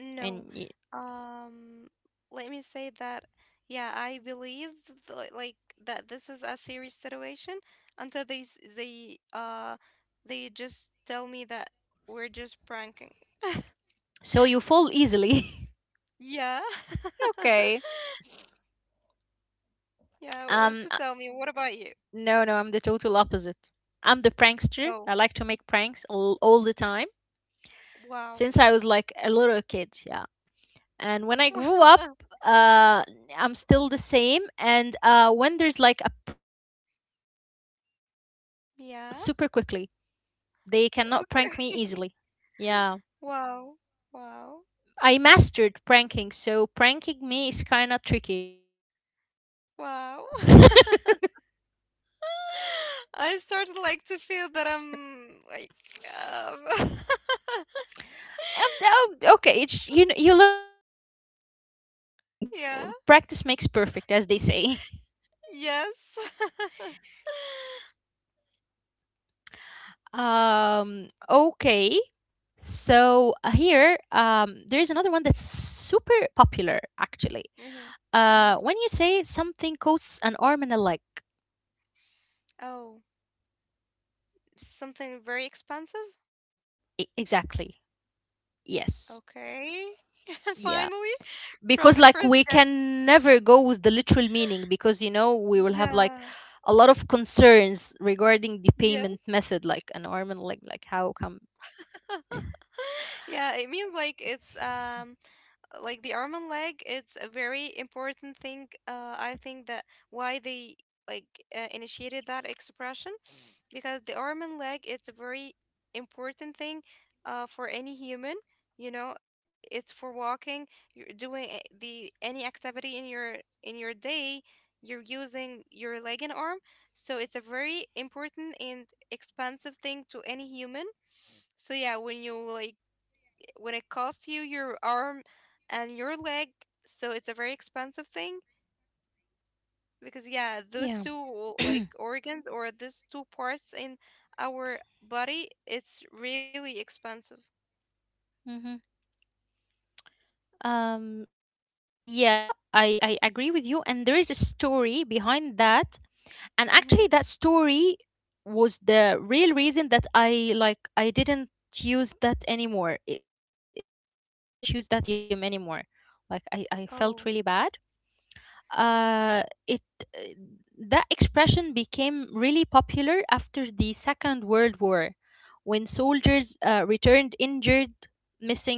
Speaker 1: and y-
Speaker 2: Um, let me say that, yeah, I believe th like like, that this is a serious situation until they they just tell me that we're just pranking. [laughs]
Speaker 1: so you fall easily?
Speaker 2: Yeah.
Speaker 1: [laughs]
Speaker 2: [laughs]
Speaker 1: okay.
Speaker 2: Yeah,
Speaker 1: Um,
Speaker 2: so tell me, what about you?
Speaker 1: no, no, I'm the total opposite. I'm the prankster.
Speaker 2: Oh,
Speaker 1: I like to make pranks all the time
Speaker 2: wow.
Speaker 1: since I was like a little kid, yeah. And when I grew up,
Speaker 2: [laughs]
Speaker 1: uh, I'm still the same. And when there's like a prank, I figure it out like super quickly.
Speaker 2: Yeah.
Speaker 1: They cannot prank me easily.
Speaker 2: Okay. [laughs]
Speaker 1: Yeah,
Speaker 2: Wow. Wow.
Speaker 1: I mastered pranking, so pranking me is kind of tricky.
Speaker 2: Wow. [laughs] I started like to feel that I'm like um [laughs]
Speaker 1: Oh, okay, it's you. You learn by practicing. Well, practice makes
Speaker 2: Yeah.
Speaker 1: perfect, as they say.
Speaker 2: Yes. [laughs]
Speaker 1: [laughs] Um. Okay. So here, there is another one that's super popular actually.
Speaker 2: Mm-hmm. Mm-hmm.
Speaker 1: When you say something costs an arm and a leg.
Speaker 2: Oh, something very expensive?
Speaker 1: Exactly. Yes.
Speaker 2: Okay. [laughs]
Speaker 1: Yeah.
Speaker 2: Finally,
Speaker 1: Because
Speaker 2: from the
Speaker 1: like
Speaker 2: first
Speaker 1: we
Speaker 2: guess.
Speaker 1: can never go with the literal meaning, because you know we will have like
Speaker 2: Yeah.
Speaker 1: a lot of concerns regarding the
Speaker 2: Yes.
Speaker 1: payment method, like an arm and a leg, like how come?
Speaker 2: Yeah, it means like it's like the arm and leg, it's a very important thing, I think that why they like initiated that expression because the arm and leg it's a very important thing, for any human, you know, it's for walking, you're doing the any activity in your day, you're using your leg and arm, so it's a very important and expensive thing to any human, so yeah when you like when it costs you your arm and your leg, so it's a very expensive thing because yeah, those
Speaker 1: Yeah.
Speaker 2: two
Speaker 1: [clears throat]
Speaker 2: like organs, or these two parts in our body, it's really expensive.
Speaker 1: hmm. Um. Yeah, I agree with you, and there is a story behind that, and
Speaker 2: Mm-hmm.
Speaker 1: actually that story was the real reason that I like I didn't use that anymore I didn't use that idiom anymore. Like I felt really
Speaker 2: Oh,
Speaker 1: bad uh it uh, that expression became really popular after the Second World War, when soldiers returned injured,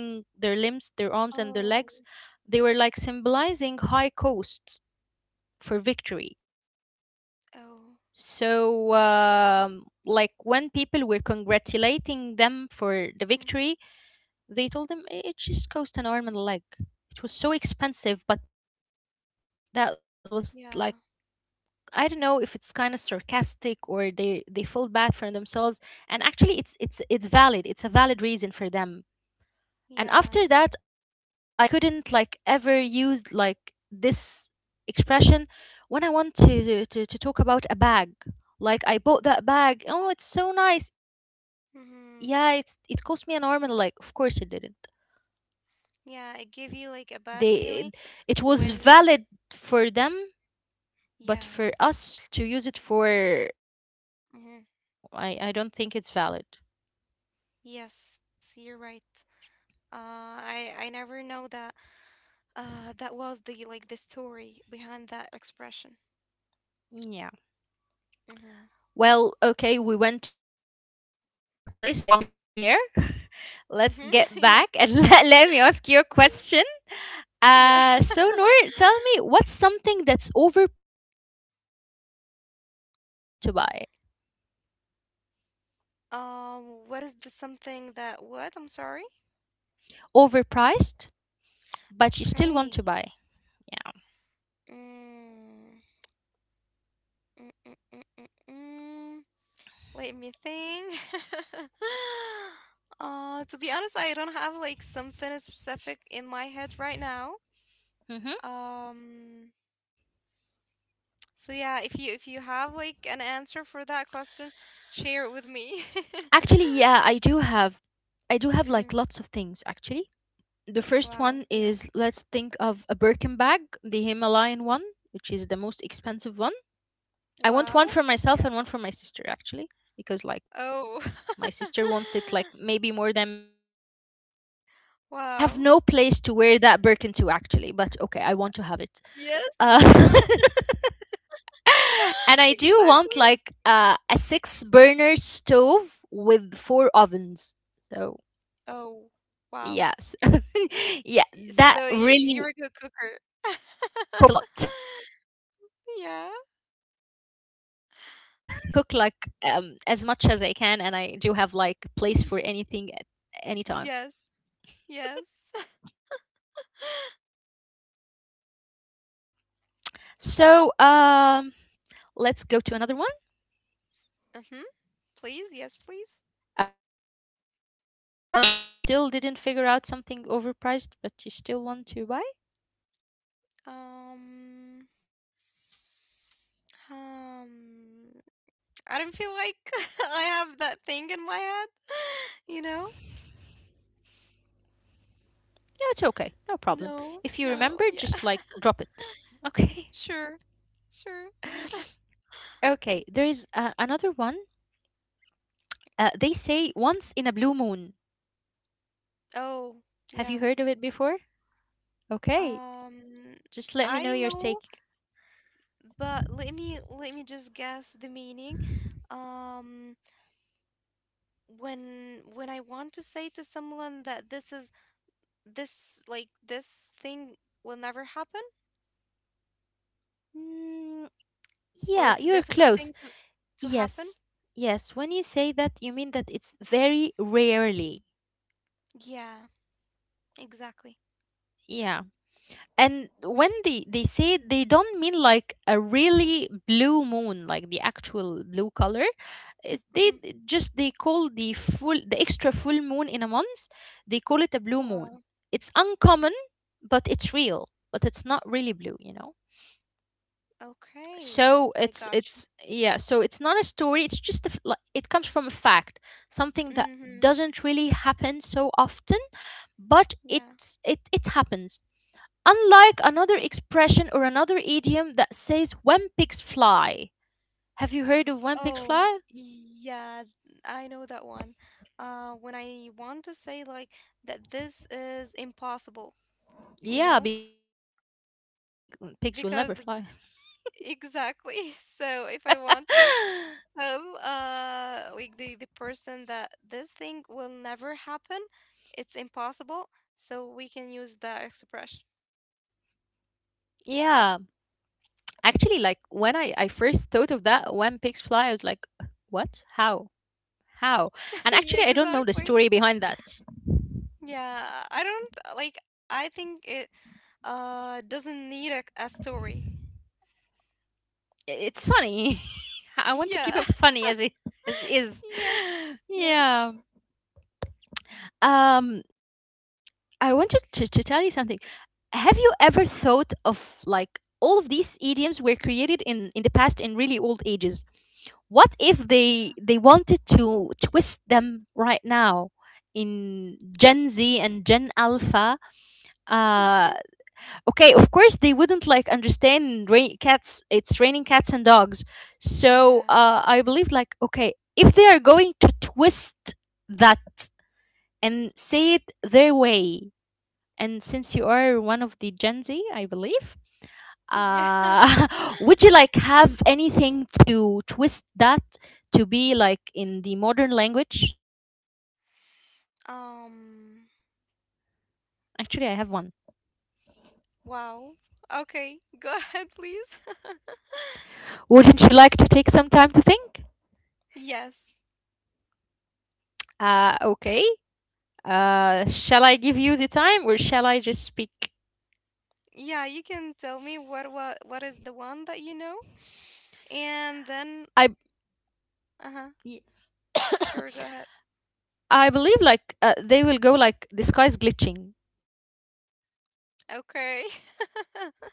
Speaker 1: missing their limbs, their arms
Speaker 2: oh,
Speaker 1: and their legs. They were like symbolizing high costs for victory.
Speaker 2: oh.
Speaker 1: So, like when people were congratulating them for
Speaker 2: Mm,
Speaker 1: the victory, they told them, "I- "it just cost an arm and a leg. It was so expensive," but that
Speaker 2: yeah,
Speaker 1: was like, I don't know if it's kind of sarcastic or they felt bad for themselves. And actually, it's valid. It's a valid reason for them.
Speaker 2: yeah.
Speaker 1: And after that, I couldn't like ever use like this expression when I want to to talk about a bag. Like I bought that bag, oh it's so nice, yeah it's
Speaker 2: Mm-hmm.
Speaker 1: it cost me an arm and a leg. Of course it didn't.
Speaker 2: Yeah, it give you like a bad
Speaker 1: They
Speaker 2: feeling
Speaker 1: It was valid
Speaker 2: when
Speaker 1: for them, but for
Speaker 2: yeah.
Speaker 1: us to use it for these
Speaker 2: Mm-hmm.
Speaker 1: things, no, I don't think it's valid.
Speaker 2: Yes, you're right. Uh, I never know that. That was the like the story behind that expression.
Speaker 1: Yeah.
Speaker 2: Mm-hmm.
Speaker 1: Well okay, we went to a dark place, I don't want to be there. Let's get
Speaker 2: Mm-hmm.
Speaker 1: back
Speaker 2: [laughs] Yeah.
Speaker 1: and [laughs] let me ask you a question.
Speaker 2: Yeah. [laughs]
Speaker 1: So, Noor, tell me, what's something that's overpriced but you still want to buy?
Speaker 2: What is the something that what? I'm sorry.
Speaker 1: Overpriced but you still want
Speaker 2: Okay.
Speaker 1: to buy. Yeah.
Speaker 2: Mm. Mm, mm, mm, mm, mm. Let me think. [laughs] To be honest, I don't have like something specific in my head right now.
Speaker 1: Mm-hmm.
Speaker 2: Um, so yeah, if you have like an answer for that question, share it with me.
Speaker 1: Actually, yeah, I do
Speaker 2: [laughs]
Speaker 1: have
Speaker 2: hmm
Speaker 1: like lots of things actually. The first
Speaker 2: Wow.
Speaker 1: one
Speaker 2: Yeah.
Speaker 1: is, let's think of a Birkin bag, the Himalayan one, which is the most expensive one. I want
Speaker 2: Wow.
Speaker 1: one for
Speaker 2: Yeah.
Speaker 1: myself and one for my sister actually, because like
Speaker 2: Oh.
Speaker 1: my sister
Speaker 2: [laughs]
Speaker 1: wants it like maybe more than me. I have
Speaker 2: Wow.
Speaker 1: no place to wear that Birkin to actually, but okay, I want to have it.
Speaker 2: Yes.
Speaker 1: Uh,
Speaker 2: [laughs]
Speaker 1: [laughs] and I do
Speaker 2: Exactly.
Speaker 1: want like a six burner stove with four ovens. So,
Speaker 2: Oh, wow.
Speaker 1: yes. [laughs]
Speaker 2: So
Speaker 1: yeah,
Speaker 2: you you're
Speaker 1: that
Speaker 2: a good
Speaker 1: really
Speaker 2: cooker.
Speaker 1: cost a lot. [laughs]
Speaker 2: [laughs]
Speaker 1: yeah, I can
Speaker 2: Yeah.
Speaker 1: cook like as much as I can, and I do have like place for anything at any time.
Speaker 2: Y yes. Yes. [laughs]
Speaker 1: So, let's go to another one.
Speaker 2: Mm-hmm. Please, yes, please.
Speaker 1: But before we go to another one, you still didn't figure out something overpriced, but you still want to buy?
Speaker 2: Um, um, I don't feel like [laughs] I have that thing in my head, [laughs] you know?
Speaker 1: No, it's okay. No problem. If you remember, just like drop
Speaker 2: No,
Speaker 1: it.
Speaker 2: no, yeah,
Speaker 1: Okay. [laughs]
Speaker 2: [laughs] sure. Sure.
Speaker 1: Okay. There is another one. They say once in a blue moon. Have you heard of it
Speaker 2: Oh,
Speaker 1: before?
Speaker 2: yeah.
Speaker 1: Okay. Just let me know
Speaker 2: Um,
Speaker 1: your take.
Speaker 2: I know, but let me just guess the meaning. Um, when I want to say to someone that this is this like this thing will never happen,
Speaker 1: Mm,
Speaker 2: or
Speaker 1: yeah,
Speaker 2: it's a
Speaker 1: you're
Speaker 2: difficult
Speaker 1: close.
Speaker 2: thing to happen.
Speaker 1: Yes. Yes. When you say that, you mean that it's very rarely.
Speaker 2: Yeah, exactly.
Speaker 1: Yeah, and when they say it, they don't mean like a really blue moon like the actual blue color.
Speaker 2: Mm-hmm.
Speaker 1: Just they call the full, the extra full moon in a month, they call it a blue moon.
Speaker 2: Wow.
Speaker 1: It's uncommon, but it's real, but it's not really blue, you know.
Speaker 2: Okay.
Speaker 1: So
Speaker 2: I
Speaker 1: it's
Speaker 2: got you.
Speaker 1: it's yeah, so it's not a story, it's just a, like it comes from a fact, something that
Speaker 2: Mm-hmm.
Speaker 1: doesn't really happen so often, but
Speaker 2: Yeah.
Speaker 1: it happens. Unlike another expression or another idiom that says when pigs fly. Have you heard of when pigs
Speaker 2: Oh,
Speaker 1: fly?
Speaker 2: yeah, I know that one. When I want to say like that this is impossible, you
Speaker 1: Yeah,
Speaker 2: know,
Speaker 1: because like pigs will never fly.
Speaker 2: because the exactly. [laughs] So if I want to
Speaker 1: [laughs]
Speaker 2: tell like the person that this thing will never happen, it's impossible, so we can use that expression.
Speaker 1: yeah. Actually, like when I first thought of that, when pigs fly, I was like, what? How? How? And actually, I don't
Speaker 2: [laughs]
Speaker 1: know the
Speaker 2: Yeah,
Speaker 1: story behind
Speaker 2: exactly.
Speaker 1: that.
Speaker 2: Yeah, I don't like I think it doesn't need a story.
Speaker 1: It's funny. [laughs] I want to keep it funny as
Speaker 2: Yeah.
Speaker 1: it
Speaker 2: [laughs]
Speaker 1: as is. [laughs]
Speaker 2: Yes,
Speaker 1: Yeah.
Speaker 2: yes.
Speaker 1: Um, I wanted to tell you something. Have you ever thought
Speaker 2: Mhm.
Speaker 1: of like all of these idioms were created in the past in really old ages? What if they wanted to twist them right now in Gen Z and Gen Alpha? Uh,
Speaker 2: [laughs]
Speaker 1: okay, of course they wouldn't like understand rain, cats. It's raining cats and dogs. So
Speaker 2: Yeah.
Speaker 1: I believe like okay, if they are going to twist that and say it their way, and since you are one of the Gen Z, I believe,
Speaker 2: Yeah.
Speaker 1: [laughs] would you like have anything to twist that to be like in the modern language to suit the modern language?
Speaker 2: Um,
Speaker 1: Actually, I have one.
Speaker 2: wow. Okay, [laughs] go ahead, please. [laughs]
Speaker 1: Wouldn't you like to take some time to think?
Speaker 2: Yes.
Speaker 1: Okay. Shall I give you the time or shall I just speak?
Speaker 2: Yeah, you can tell me what is the one that you know? [sniffs]
Speaker 1: I [coughs] I
Speaker 2: And then uh-huh. Sure, go ahead.
Speaker 1: believe like they will go like the sky's glitching, you know. [laughs]
Speaker 2: Okay. [laughs]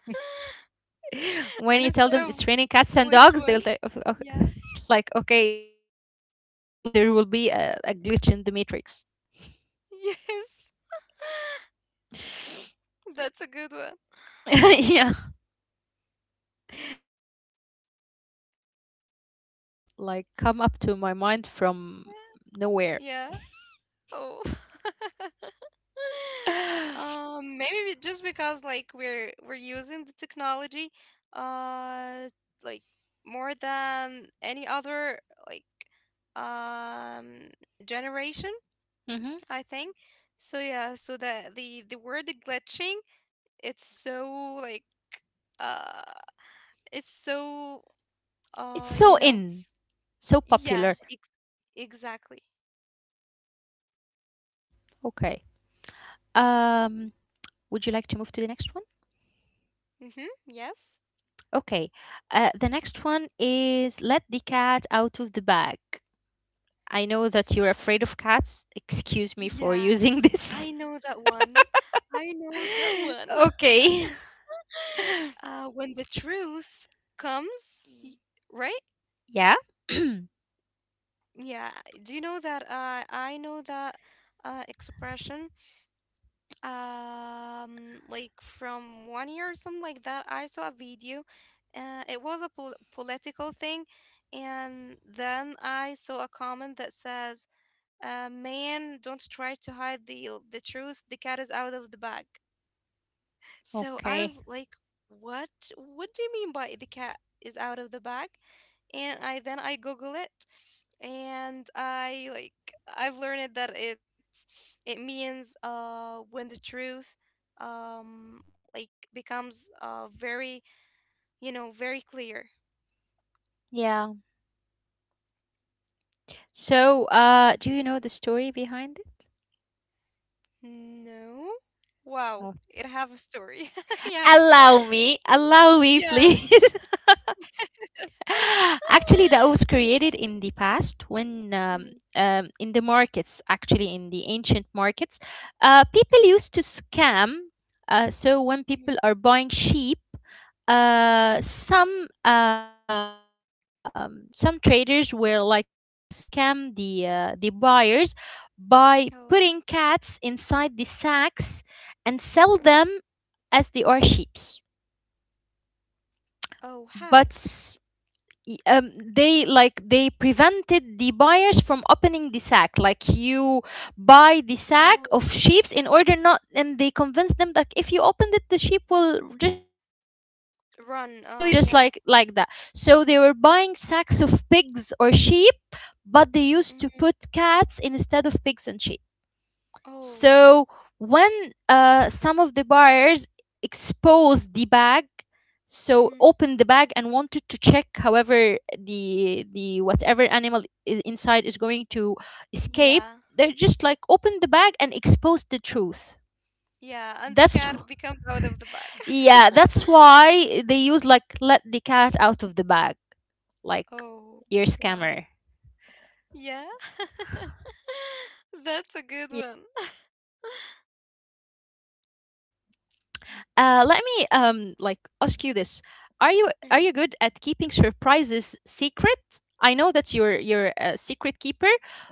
Speaker 1: When you tell them it's raining
Speaker 2: And instead
Speaker 1: cats and
Speaker 2: of
Speaker 1: dogs, they will say,
Speaker 2: which one?
Speaker 1: [laughs]
Speaker 2: Yeah.
Speaker 1: like, okay, they will believe that there will be a glitch in the matrix.
Speaker 2: [laughs] Yes. That's a good one.
Speaker 1: [laughs] yeah, you know, sometimes some things come come up to my mind from nowhere.
Speaker 2: Yeah. Oh. [laughs]
Speaker 1: [sighs] hmm.
Speaker 2: Maybe just because like we're using the technology uh like more than any other like um generation, I think. So yeah, so the word glitching, it's so like uh it's so
Speaker 1: It's so
Speaker 2: you know,
Speaker 1: in, so
Speaker 2: yeah,
Speaker 1: popular.
Speaker 2: ex exactly.
Speaker 1: Okay. Um, would you like to move to the next one?
Speaker 2: Mm-hmm. Yes.
Speaker 1: Okay. The next one is let the cat out of the bag. I know that you're afraid of cats. Excuse me for
Speaker 2: Yeah,
Speaker 1: using
Speaker 2: I
Speaker 1: this.
Speaker 2: know that one. I know that one.
Speaker 1: [laughs]
Speaker 2: [laughs]
Speaker 1: okay. [laughs]
Speaker 2: When the truth comes, right?
Speaker 1: Yeah.
Speaker 2: Yeah. Do you know that? I know that expression. Like from 1 year or something like that, I saw a video. It was a political thing, and then I saw a comment that says, "Man, don't try to hide the truth. The cat is out of the bag."
Speaker 1: [clears throat]
Speaker 2: So
Speaker 1: okay.
Speaker 2: I was like, "What? What do you mean by the cat is out of the bag?" And I then I Google it, and I've learned that it's it means when the truth um like becomes very you know very clear.
Speaker 1: Yeah. So, do you know the story behind it?
Speaker 2: No, wow,
Speaker 1: Oh.
Speaker 2: it have a story. [laughs] yeah,
Speaker 1: Allow me,
Speaker 2: yes.
Speaker 1: please.
Speaker 2: [laughs]
Speaker 1: [laughs] Actually, that was created in the past when
Speaker 2: Mhm,
Speaker 1: in the markets, actually in the ancient markets,
Speaker 2: mhm,
Speaker 1: people used to scam. So when
Speaker 2: mhm.
Speaker 1: people are buying sheep, uh, some um, some traders will like scam the buyers by putting
Speaker 2: Oh,
Speaker 1: cats inside the sacks and sell them as they are sheeps.
Speaker 2: oh,
Speaker 1: But
Speaker 2: how?
Speaker 1: they like they prevented the buyers from opening the sack, like you buy the
Speaker 2: Oh,
Speaker 1: sack of sheep in order not, and they convince them that if you open it the sheep will just run away, so you have
Speaker 2: run.
Speaker 1: to buy it just
Speaker 2: Yeah.
Speaker 1: like that. So they were buying sacks of pigs or sheep, but they used to
Speaker 2: Mm-hmm.
Speaker 1: put cats instead of pigs and sheep.
Speaker 2: Oh.
Speaker 1: So when some of the buyers exposed the bag, so
Speaker 2: hmm
Speaker 1: opened the bag and wanted to check, however, the whatever animal inside is going to escape,
Speaker 2: Yeah.
Speaker 1: they're just like opened the bag and exposed the truth.
Speaker 2: Yeah. And the
Speaker 1: That's
Speaker 2: car becomes out of the bag.
Speaker 1: yeah, that's
Speaker 2: [laughs]
Speaker 1: why they use like let the cat out of the bag, like
Speaker 2: Oh,
Speaker 1: you're a
Speaker 2: wow.
Speaker 1: scammer.
Speaker 2: Yeah. [laughs]
Speaker 1: Yeah,
Speaker 2: That's a good one. [laughs]
Speaker 1: yeah, it is. Let me like ask you this: are you are you good
Speaker 2: Mhm.
Speaker 1: at keeping surprises secret? I know that you're a secret keeper,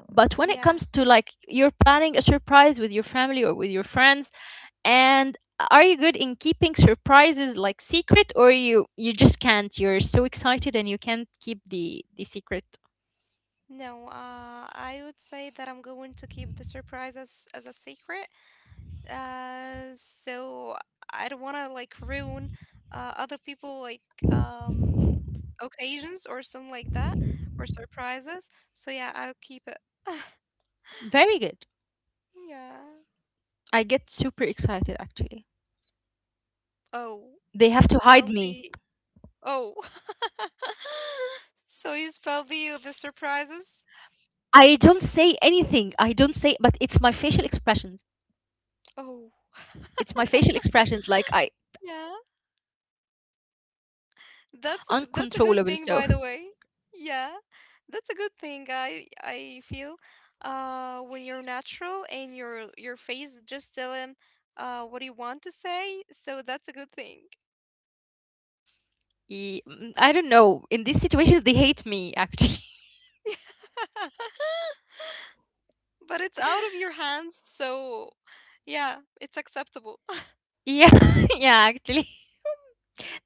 Speaker 1: but when it
Speaker 2: Yeah.
Speaker 1: comes to like you're planning a surprise with your family or with your friends, and are you good in keeping surprises like secret, or you just can't? You're so excited and you can't keep the secret.
Speaker 2: No, I would say that I'm going to keep the surprise as a secret. So I don't want to like ruin other people like um occasions or something like that or surprises. So yeah, I'll keep it. [laughs]
Speaker 1: Very good.
Speaker 2: Yeah.
Speaker 1: I get super excited actually.
Speaker 2: Oh,
Speaker 1: They
Speaker 2: you
Speaker 1: have to
Speaker 2: spell
Speaker 1: hide me.
Speaker 2: the oh.
Speaker 1: They have to
Speaker 2: [laughs]
Speaker 1: hide me.
Speaker 2: So you spell the surprises?
Speaker 1: I don't say anything. I don't say, but it's my facial expressions.
Speaker 2: Oh,
Speaker 1: It's my facial expressions. Like
Speaker 2: yeah.
Speaker 1: I don't know how to control them. They are
Speaker 2: That's
Speaker 1: uncontrollable.
Speaker 2: a good
Speaker 1: So
Speaker 2: thing, by the way. Yeah, that's a good thing. I feel when you're natural and your face is just telling what you want to say, so that's a good thing.
Speaker 1: mm, I don't know. In this situation, they hate me. Actually,
Speaker 2: [laughs] But it's out of your hands, so yeah, it's acceptable.
Speaker 1: [laughs] yeah, [laughs] yeah. Actually,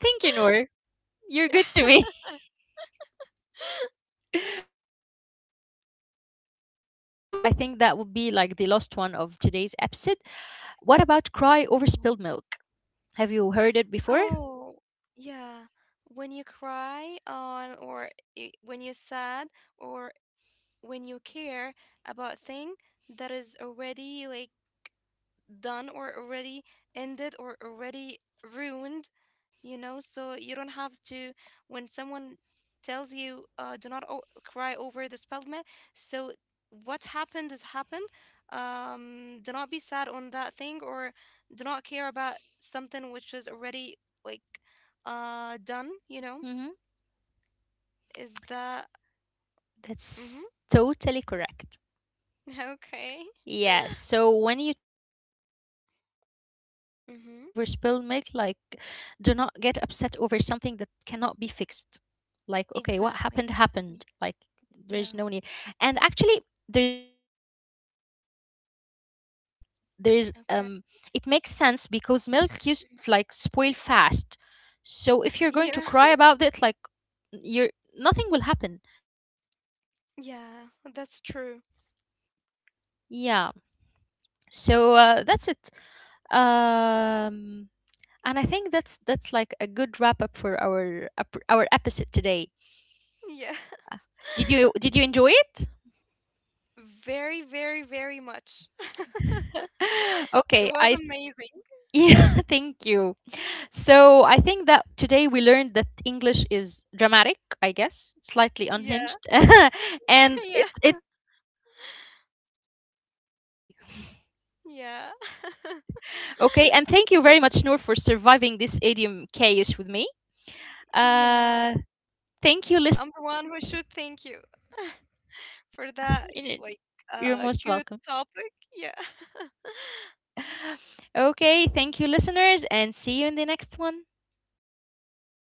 Speaker 1: thank you, Noor. You're good to me.
Speaker 2: [laughs]
Speaker 1: [laughs] Okay, let's move to. I think that would be like the last one of today's episode. What about cry over spilled milk? Have you heard it before?
Speaker 2: Oh, yeah. When you cry on or when you're sad or when you care about thing that is already like done or already ended or already ruined, you know, so you don't have to when someone tells you do not cry over the spilled milk, so what happened has happened, do not be sad on that thing, or do not care about something which is already like done, you know,
Speaker 1: Hmm.
Speaker 2: is that. Mm-hmm.
Speaker 1: That's totally correct.
Speaker 2: [laughs] Okay.
Speaker 1: Yes. So when you tell somebody not do not cry over
Speaker 2: [laughs]
Speaker 1: spilled
Speaker 2: mm-hmm,
Speaker 1: milk, like do not get upset over something that cannot be fixed. Like, okay, what happened
Speaker 2: exactly.
Speaker 1: happened.
Speaker 2: Y-
Speaker 1: Like there's
Speaker 2: yeah.
Speaker 1: no need. And actually there's no story here, but like there's it
Speaker 2: Okay.
Speaker 1: makes sense because milk used
Speaker 2: Mhm.
Speaker 1: like spoil fast. So if you're going to
Speaker 2: Yeah.
Speaker 1: cry about it, like you're nothing will happen. It's spilled,
Speaker 2: [laughs]
Speaker 1: it's
Speaker 2: Yeah,
Speaker 1: gone.
Speaker 2: that's true.
Speaker 1: Yeah. So that's it. Um, and I think that's like a good wrap up for our episode today.
Speaker 2: Yeah.
Speaker 1: Did you enjoy it?
Speaker 2: [laughs] Very, very, very much.
Speaker 1: [laughs]
Speaker 2: It
Speaker 1: okay,
Speaker 2: was
Speaker 1: I
Speaker 2: amazing.
Speaker 1: yeah, [laughs] thank you. So I think that today we learned that English is dramatic, I guess, slightly
Speaker 2: Yeah.
Speaker 1: unhinged, [laughs]
Speaker 2: [laughs]
Speaker 1: and
Speaker 2: Yeah.
Speaker 1: it loves to confuse everybody.
Speaker 2: Yeah.
Speaker 1: Okay, and thank you very much, Noor, for surviving this idiom chaos with me.
Speaker 2: Yeah.
Speaker 1: Uh, Thank you,
Speaker 2: I'm the
Speaker 1: listeners,
Speaker 2: one
Speaker 1: for.
Speaker 2: who should thank you [laughs] for that,
Speaker 1: You're
Speaker 2: like,
Speaker 1: most welcome.
Speaker 2: good topic. Yeah. [laughs]
Speaker 1: [laughs] Okay, thank you, listeners, and see you in the next one.
Speaker 2: yeah. Bye.